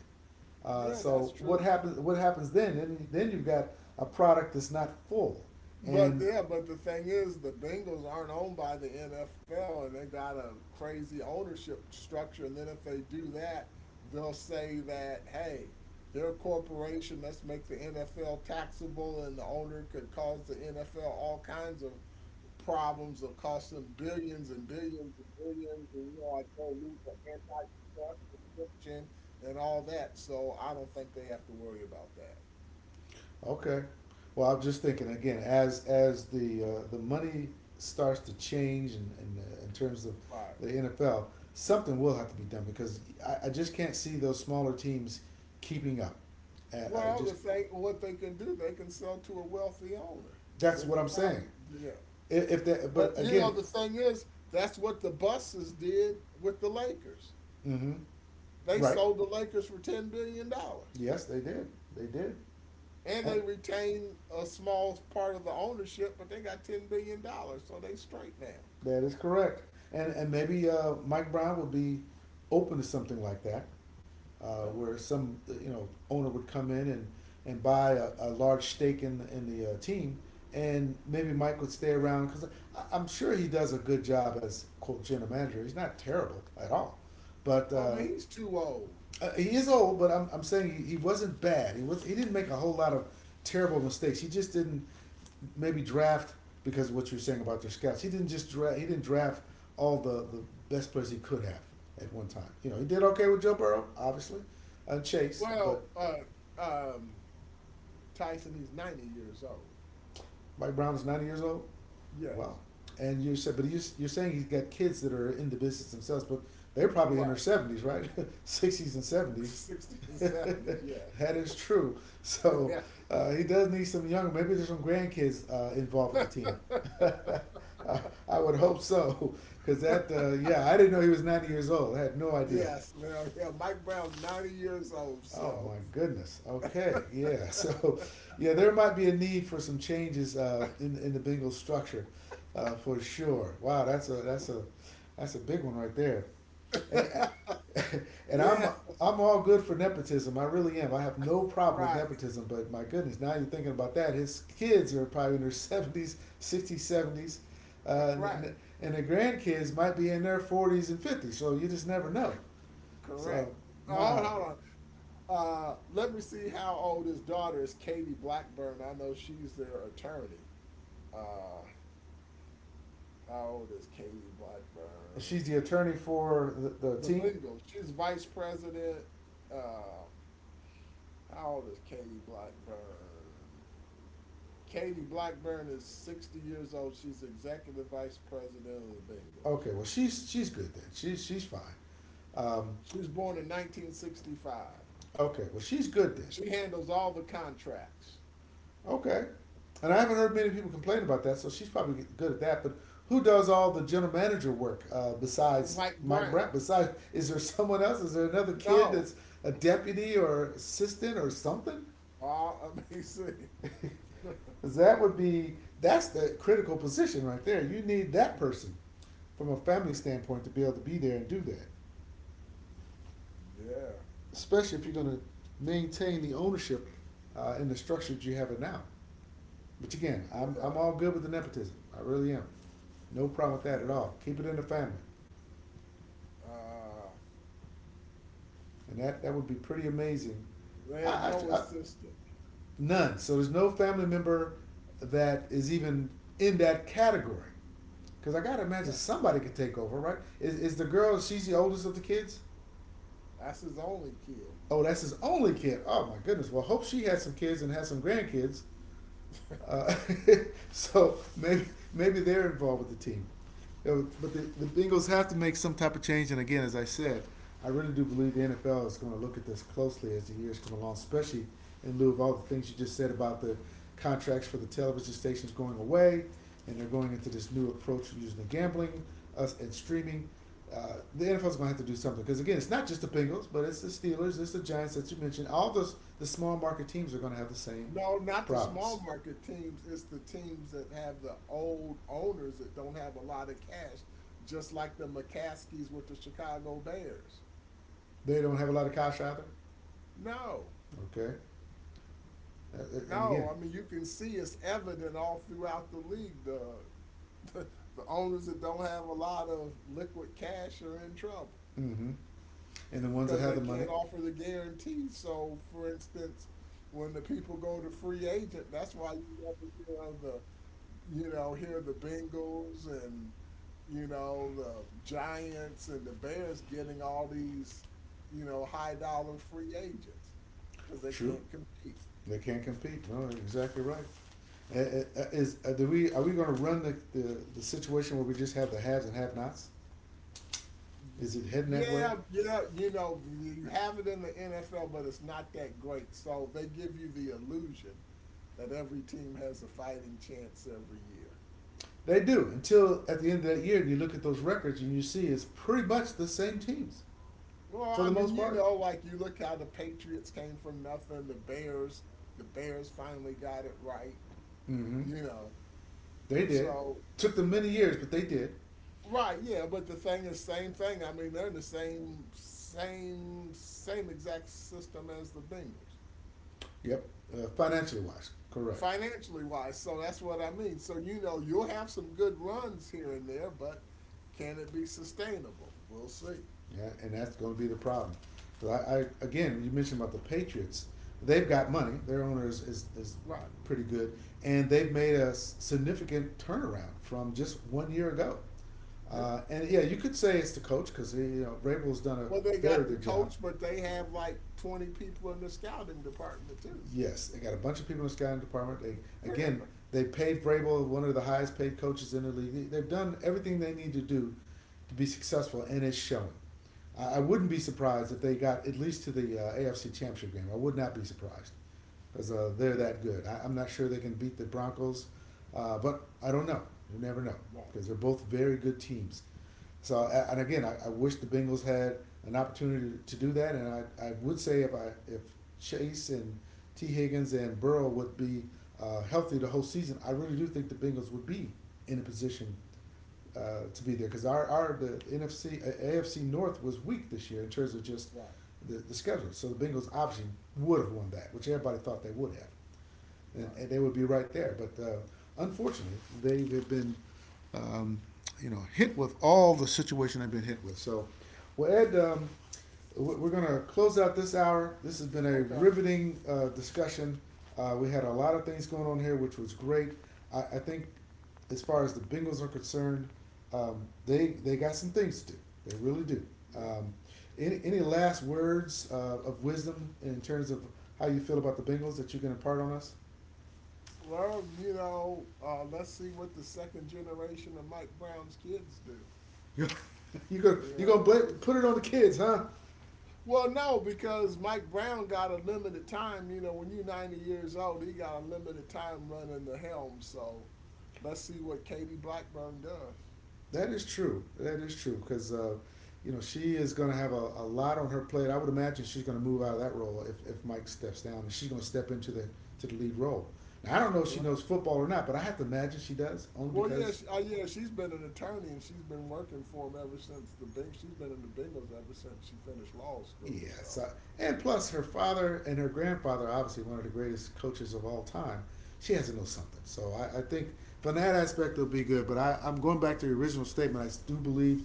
[SPEAKER 2] Yeah, that's
[SPEAKER 1] so what
[SPEAKER 2] true.
[SPEAKER 1] happens? What happens then? Then you've got a product that's not full,
[SPEAKER 2] But
[SPEAKER 1] and.
[SPEAKER 2] yeah, but the thing is, the Bengals aren't owned by the NFL, and they got a crazy ownership structure. And then if they do that, they'll say that, hey, they're a corporation. Let's make the NFL taxable, and the owner could cause the NFL all kinds of problems of costing billions and billions and billions, and like, they'll lose their antitrust restriction and all that. So I don't think they have to worry about that.
[SPEAKER 1] Okay. Well, I'm just thinking again as the
[SPEAKER 2] Right.
[SPEAKER 1] uh, the money starts to change in terms of
[SPEAKER 2] Right.
[SPEAKER 1] the NFL, something will have to be done because I just can't see those smaller teams keeping up. And I
[SPEAKER 2] Well,
[SPEAKER 1] just.
[SPEAKER 2] the thing, what they can do, they can sell to a wealthy owner.
[SPEAKER 1] That's
[SPEAKER 2] Then
[SPEAKER 1] what
[SPEAKER 2] the
[SPEAKER 1] I'm saying.
[SPEAKER 2] problem, yeah.
[SPEAKER 1] If that, but
[SPEAKER 2] But
[SPEAKER 1] again,
[SPEAKER 2] the thing is, that's what the buses did with the Lakers.
[SPEAKER 1] hmm,
[SPEAKER 2] They
[SPEAKER 1] right?
[SPEAKER 2] sold the Lakers for $10 billion,
[SPEAKER 1] Yes, they did. They did.
[SPEAKER 2] and
[SPEAKER 1] And.
[SPEAKER 2] they retained a small part of the ownership, but they got $10 billion, so they straight now.
[SPEAKER 1] That is correct. And maybe Mike Brown would be open to something like that,
[SPEAKER 2] Yeah.
[SPEAKER 1] where some owner would come in and buy a large stake in the team, and maybe Mike would stay around because I'm sure he does a good job as quote general manager. He's not terrible at all, but
[SPEAKER 2] I mean, he's too old.
[SPEAKER 1] he is old, but I'm saying he wasn't bad. He didn't make a whole lot of terrible mistakes. He just didn't maybe draft because of what you were saying about their scouts. He didn't just draft. He didn't draft all the best players he could have at one time. He did okay with Joe Burrow, obviously, and Chase, but
[SPEAKER 2] Well, um, Tyson, he's 90 years old.
[SPEAKER 1] Mike Brown is 90 years old. Wow.
[SPEAKER 2] Yes.
[SPEAKER 1] And you said, but you're saying he's got kids that are in the business themselves, but they're probably in
[SPEAKER 2] Right.
[SPEAKER 1] their 70s, right? 60s and 70s.
[SPEAKER 2] 60 and 70. Yes.
[SPEAKER 1] That is true. So
[SPEAKER 2] Yeah.
[SPEAKER 1] he does need some younger. Maybe there's some grandkids involved with the team. I, I would hope so, because that yeah, I didn't know he was 90 years old. I had no idea.
[SPEAKER 2] Yes, now, yeah, Mike Brown's 90 years old,
[SPEAKER 1] Oh
[SPEAKER 2] so
[SPEAKER 1] my goodness. Okay. Yeah. So, yeah, there might be a need for some changes in the Bengals structure, for sure. Wow, that's a big one right there. And I- and I'm
[SPEAKER 2] yeah,
[SPEAKER 1] I'm all good for nepotism. I really am. I have no problem with
[SPEAKER 2] right,
[SPEAKER 1] nepotism. But my goodness, now you're thinking about that. His kids are probably in their seventies, sixties, seventies, uh, and,
[SPEAKER 2] right,
[SPEAKER 1] and and the grandkids might be in their forties and fifties. So you just never know.
[SPEAKER 2] correct.
[SPEAKER 1] So
[SPEAKER 2] Oh,
[SPEAKER 1] my
[SPEAKER 2] hold, hold
[SPEAKER 1] God.
[SPEAKER 2] on. Let me see how old his daughter is, Katie Blackburn. I know she's their attorney. Uh, how old is Katie
[SPEAKER 1] She's
[SPEAKER 2] Blackburn?
[SPEAKER 1] the attorney for the
[SPEAKER 2] The
[SPEAKER 1] team.
[SPEAKER 2] Bengals. She's vice president. Uh, how old is Katie Blackburn? Katie Blackburn is 60 years old. She's executive vice president of the Bengals.
[SPEAKER 1] Okay, well she's good then. She's fine. Um,
[SPEAKER 2] She was born in 1965.
[SPEAKER 1] okay, well she's good then.
[SPEAKER 2] She handles all the contracts.
[SPEAKER 1] Okay, and I haven't heard many people complain about that, so she's probably good at that. But who does all the general manager work besides
[SPEAKER 2] Mike
[SPEAKER 1] Mike Brown?
[SPEAKER 2] Brown.
[SPEAKER 1] Besides, is there someone else? Is there another kid
[SPEAKER 2] No.
[SPEAKER 1] that's a deputy or assistant or something?
[SPEAKER 2] All amazing. Yeah.
[SPEAKER 1] 'Cause that would be that's the critical position right there. You need that person from a family standpoint to be able to be there and do that, especially if you're going to maintain the ownership and the structure that you have it now. Which again, I'm all
[SPEAKER 2] Yeah.
[SPEAKER 1] good with the nepotism. I really am. No problem with that at
[SPEAKER 2] Yeah.
[SPEAKER 1] all. Keep it in the family,
[SPEAKER 2] Uh,
[SPEAKER 1] and that would be pretty amazing.
[SPEAKER 2] they have
[SPEAKER 1] I,
[SPEAKER 2] no
[SPEAKER 1] I, I
[SPEAKER 2] assistant.
[SPEAKER 1] none. So there's no family member that is even in that category. Because I gotta imagine
[SPEAKER 2] Yeah.
[SPEAKER 1] somebody could take over, right? Is the girl? She's the oldest of the kids.
[SPEAKER 2] That's his only kid.
[SPEAKER 1] Oh, that's his only kid. Oh my goodness. Well, hope she had some kids and had some grandkids. Uh, so maybe they're involved with the team. You know, but the Bengals have to make some type of change. And again, as I said, I really do believe the NFL is going to look at this closely as the years come along, especially in lieu of all the things you just said about the contracts for the television stations going away, and they're going into this new approach using the gambling us and streaming. The NFL is going to have to do something because again, it's not just the Bengals, but it's the Steelers, it's the Giants that you mentioned. All those the small market teams are going to have the same
[SPEAKER 2] No, not the small
[SPEAKER 1] problems.
[SPEAKER 2] market teams. It's the teams that have the old owners that don't have a lot of cash, just like the McCaskies with the Chicago Bears.
[SPEAKER 1] They don't have a lot of cash either.
[SPEAKER 2] No.
[SPEAKER 1] Okay. And
[SPEAKER 2] No,
[SPEAKER 1] again,
[SPEAKER 2] I mean you can see it's evident all throughout the league. The, the owners that don't have a lot of liquid cash are in trouble
[SPEAKER 1] hmm, and the ones that
[SPEAKER 2] because
[SPEAKER 1] have
[SPEAKER 2] they
[SPEAKER 1] the money,
[SPEAKER 2] can't offer the guarantee. So, for instance, when the people go to free agent, that's why you never hear of the hear the Bengals, and the Giants and the Bears getting all these high dollar free agents, because they
[SPEAKER 1] true,
[SPEAKER 2] can't compete.
[SPEAKER 1] they can't compete. No, exactly right. Uh, uh, Is do we are we going to run the situation where we just have the haves and have-nots? Is it heading that way?
[SPEAKER 2] Yeah, yeah, you have it in the NFL, but it's not that great. So they give you the illusion that every team has a fighting chance every year.
[SPEAKER 1] They do until at the end of that year, you look at those records and you see it's pretty much the same teams
[SPEAKER 2] Well,
[SPEAKER 1] for
[SPEAKER 2] I
[SPEAKER 1] the
[SPEAKER 2] mean,
[SPEAKER 1] most part.
[SPEAKER 2] like, you look how the Patriots came from nothing, the Bears finally got it right,
[SPEAKER 1] Hmm.
[SPEAKER 2] you know.
[SPEAKER 1] They did.
[SPEAKER 2] So,
[SPEAKER 1] Took them many years, but they did.
[SPEAKER 2] right, yeah, but the thing is same thing. I mean, they're in the same exact system as the Bengals.
[SPEAKER 1] Yep. Financially wise, correct.
[SPEAKER 2] Financially wise. So that's what I mean. So you'll have some good runs here and there, but can it be sustainable? We'll see.
[SPEAKER 1] Yeah, and that's going to be the problem. So I again, you mentioned about the Patriots. They've got money. Their owner is
[SPEAKER 2] Right.
[SPEAKER 1] pretty good, and they've made a significant turnaround from just one year ago.
[SPEAKER 2] Yeah.
[SPEAKER 1] And yeah, you could say it's the coach because you know Vrabel's done a
[SPEAKER 2] Well, they got
[SPEAKER 1] very
[SPEAKER 2] the
[SPEAKER 1] good job.
[SPEAKER 2] coach, but they have like 20 people in the scouting department too.
[SPEAKER 1] Yes, they got a bunch of people in the scouting department. They
[SPEAKER 2] Yeah.
[SPEAKER 1] again, they paid Vrabel one of the highest paid coaches in the league. They've done everything they need to do to be successful, and it's showing. I wouldn't be surprised if they got at least to the AFC Championship game. I would not be surprised because they're
[SPEAKER 2] Yeah.
[SPEAKER 1] that good. I'm not sure they can beat the Broncos, but I don't know. You never know
[SPEAKER 2] Right.
[SPEAKER 1] because they're both very good teams. So, and again, I wish the Bengals had an opportunity to do that. And I would say if I if Chase and T Higgins and Burrow would be healthy the whole season, I really do think the Bengals would be in a position to be there because our the NFC uh, AFC North was weak this year in terms of just
[SPEAKER 2] Right.
[SPEAKER 1] the schedule. So the Bengals obviously would have won that, which everybody thought they would have
[SPEAKER 2] Right.
[SPEAKER 1] and they would be right there. But unfortunately, they have been, um, you know, hit with all the situation they've been hit with. So, well, Ed, we- are going to close out this hour. This has been a
[SPEAKER 2] Okay.
[SPEAKER 1] riveting discussion. We had a lot of things going on here, which was great. I think, as far as the Bengals are concerned, they got some things to do. They really do.
[SPEAKER 2] Yeah.
[SPEAKER 1] Um, any last words of wisdom in terms of how you feel about the Bengals that you can impart on us?
[SPEAKER 2] Well, let's see what the second generation of Mike Brown's kids do.
[SPEAKER 1] You gonna you
[SPEAKER 2] Yeah.
[SPEAKER 1] gonna blame, put it on the kids, huh?
[SPEAKER 2] Well, no, because Mike Brown got a limited time. You know, when you're 90 years old, he got a limited time running the helm. So let's see what Katie Blackburn does.
[SPEAKER 1] That is true. That is true because you know she is gonna have a lot on her plate. I would imagine she's gonna move out of that role if Mike steps down, and she's gonna step into the lead role. Now I don't know if she
[SPEAKER 2] Correct.
[SPEAKER 1] knows football or not, but I have to imagine she does only
[SPEAKER 2] Well, yeah,
[SPEAKER 1] because
[SPEAKER 2] she's been an attorney and she's been working for him ever since the Bing. She's been in the Bengals ever since she finished law school.
[SPEAKER 1] yes.
[SPEAKER 2] So,
[SPEAKER 1] And plus, her father and her grandfather, obviously one of the greatest coaches of all time, she has to know something. So I think from
[SPEAKER 2] yeah.
[SPEAKER 1] that aspect, it'll be good. But I'm going back to the original statement. I do believe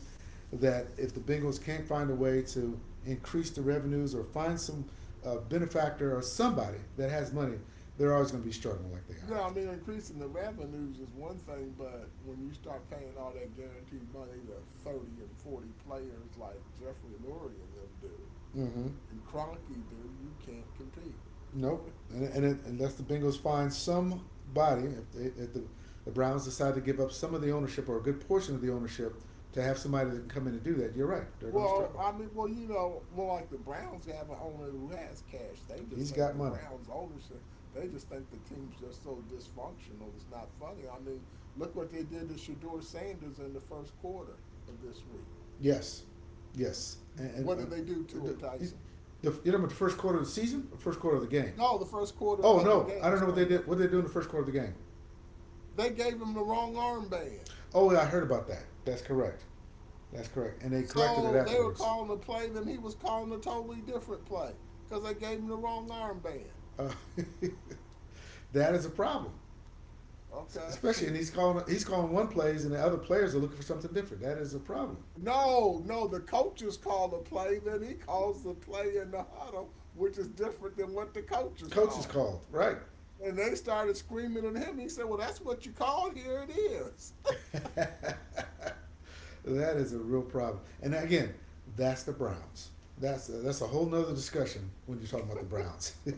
[SPEAKER 1] that if the Bengals can't find a way to increase the revenues or find some benefactor or somebody that has money, they're always going to be struggling like they are.
[SPEAKER 2] Yeah, I mean, increasing the revenues is one thing, but when you start paying all that guaranteed money to 30 and 40 players like Jeffrey Lurie and them do.
[SPEAKER 1] Mm-hmm.
[SPEAKER 2] And Cronky, dude, you can't compete.
[SPEAKER 1] Nope. And it, unless the Bengals find somebody, if the Browns decide to give up some of the ownership or a good portion of the ownership to have somebody that can come in and do that, you're right. They're going to
[SPEAKER 2] Well,
[SPEAKER 1] struggle.
[SPEAKER 2] I mean, like, the Browns have an owner who has cash.
[SPEAKER 1] He's got money.
[SPEAKER 2] They just think the team's just so dysfunctional. It's not funny. I mean, look what they did to Shador Sanders in the first quarter of this week.
[SPEAKER 1] Yes. Yes. And
[SPEAKER 2] What did they do to him, Tyson?
[SPEAKER 1] the, you talking the first quarter of the season, or first quarter of the game?
[SPEAKER 2] No, the first quarter
[SPEAKER 1] Oh
[SPEAKER 2] of the
[SPEAKER 1] no, I
[SPEAKER 2] game
[SPEAKER 1] don't know what they
[SPEAKER 2] Sunday.
[SPEAKER 1] did. What did they do in the first quarter of the game?
[SPEAKER 2] They gave him the wrong armband.
[SPEAKER 1] Oh, yeah, I heard about that. That's correct. That's correct. And they corrected it
[SPEAKER 2] So they were
[SPEAKER 1] afterwards.
[SPEAKER 2] calling a play, then he was calling a totally different play because they gave him the wrong armband.
[SPEAKER 1] Uh, that is a problem.
[SPEAKER 2] Okay.
[SPEAKER 1] Especially, and he's calling one plays, and the other players are looking for something different. That is a problem.
[SPEAKER 2] No, no, the coaches call the play, then he calls the play in the huddle, which is different than what the coaches
[SPEAKER 1] Coach is
[SPEAKER 2] call.
[SPEAKER 1] called, right?
[SPEAKER 2] And they started screaming at him. He said, "Well, that's what you call. Here it is."
[SPEAKER 1] that is a real problem. And again, that's the Browns. That's a whole nother discussion when you're talking about the Browns.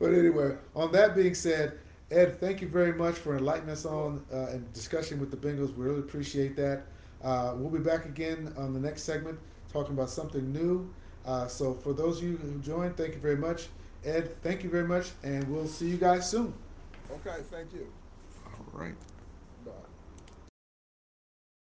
[SPEAKER 1] But
[SPEAKER 2] Yeah,
[SPEAKER 1] anyway, on that being said, Ed, thank you very much for enlightening us
[SPEAKER 2] you up.
[SPEAKER 1] on and discussion with the Bengals. We really appreciate that. We'll be back again on the next segment talking about something new. So for those of you who joined, thank you very much. Ed, thank you very much, and we'll see you guys soon.
[SPEAKER 2] Okay, thank you.
[SPEAKER 1] All right.
[SPEAKER 2] Bye.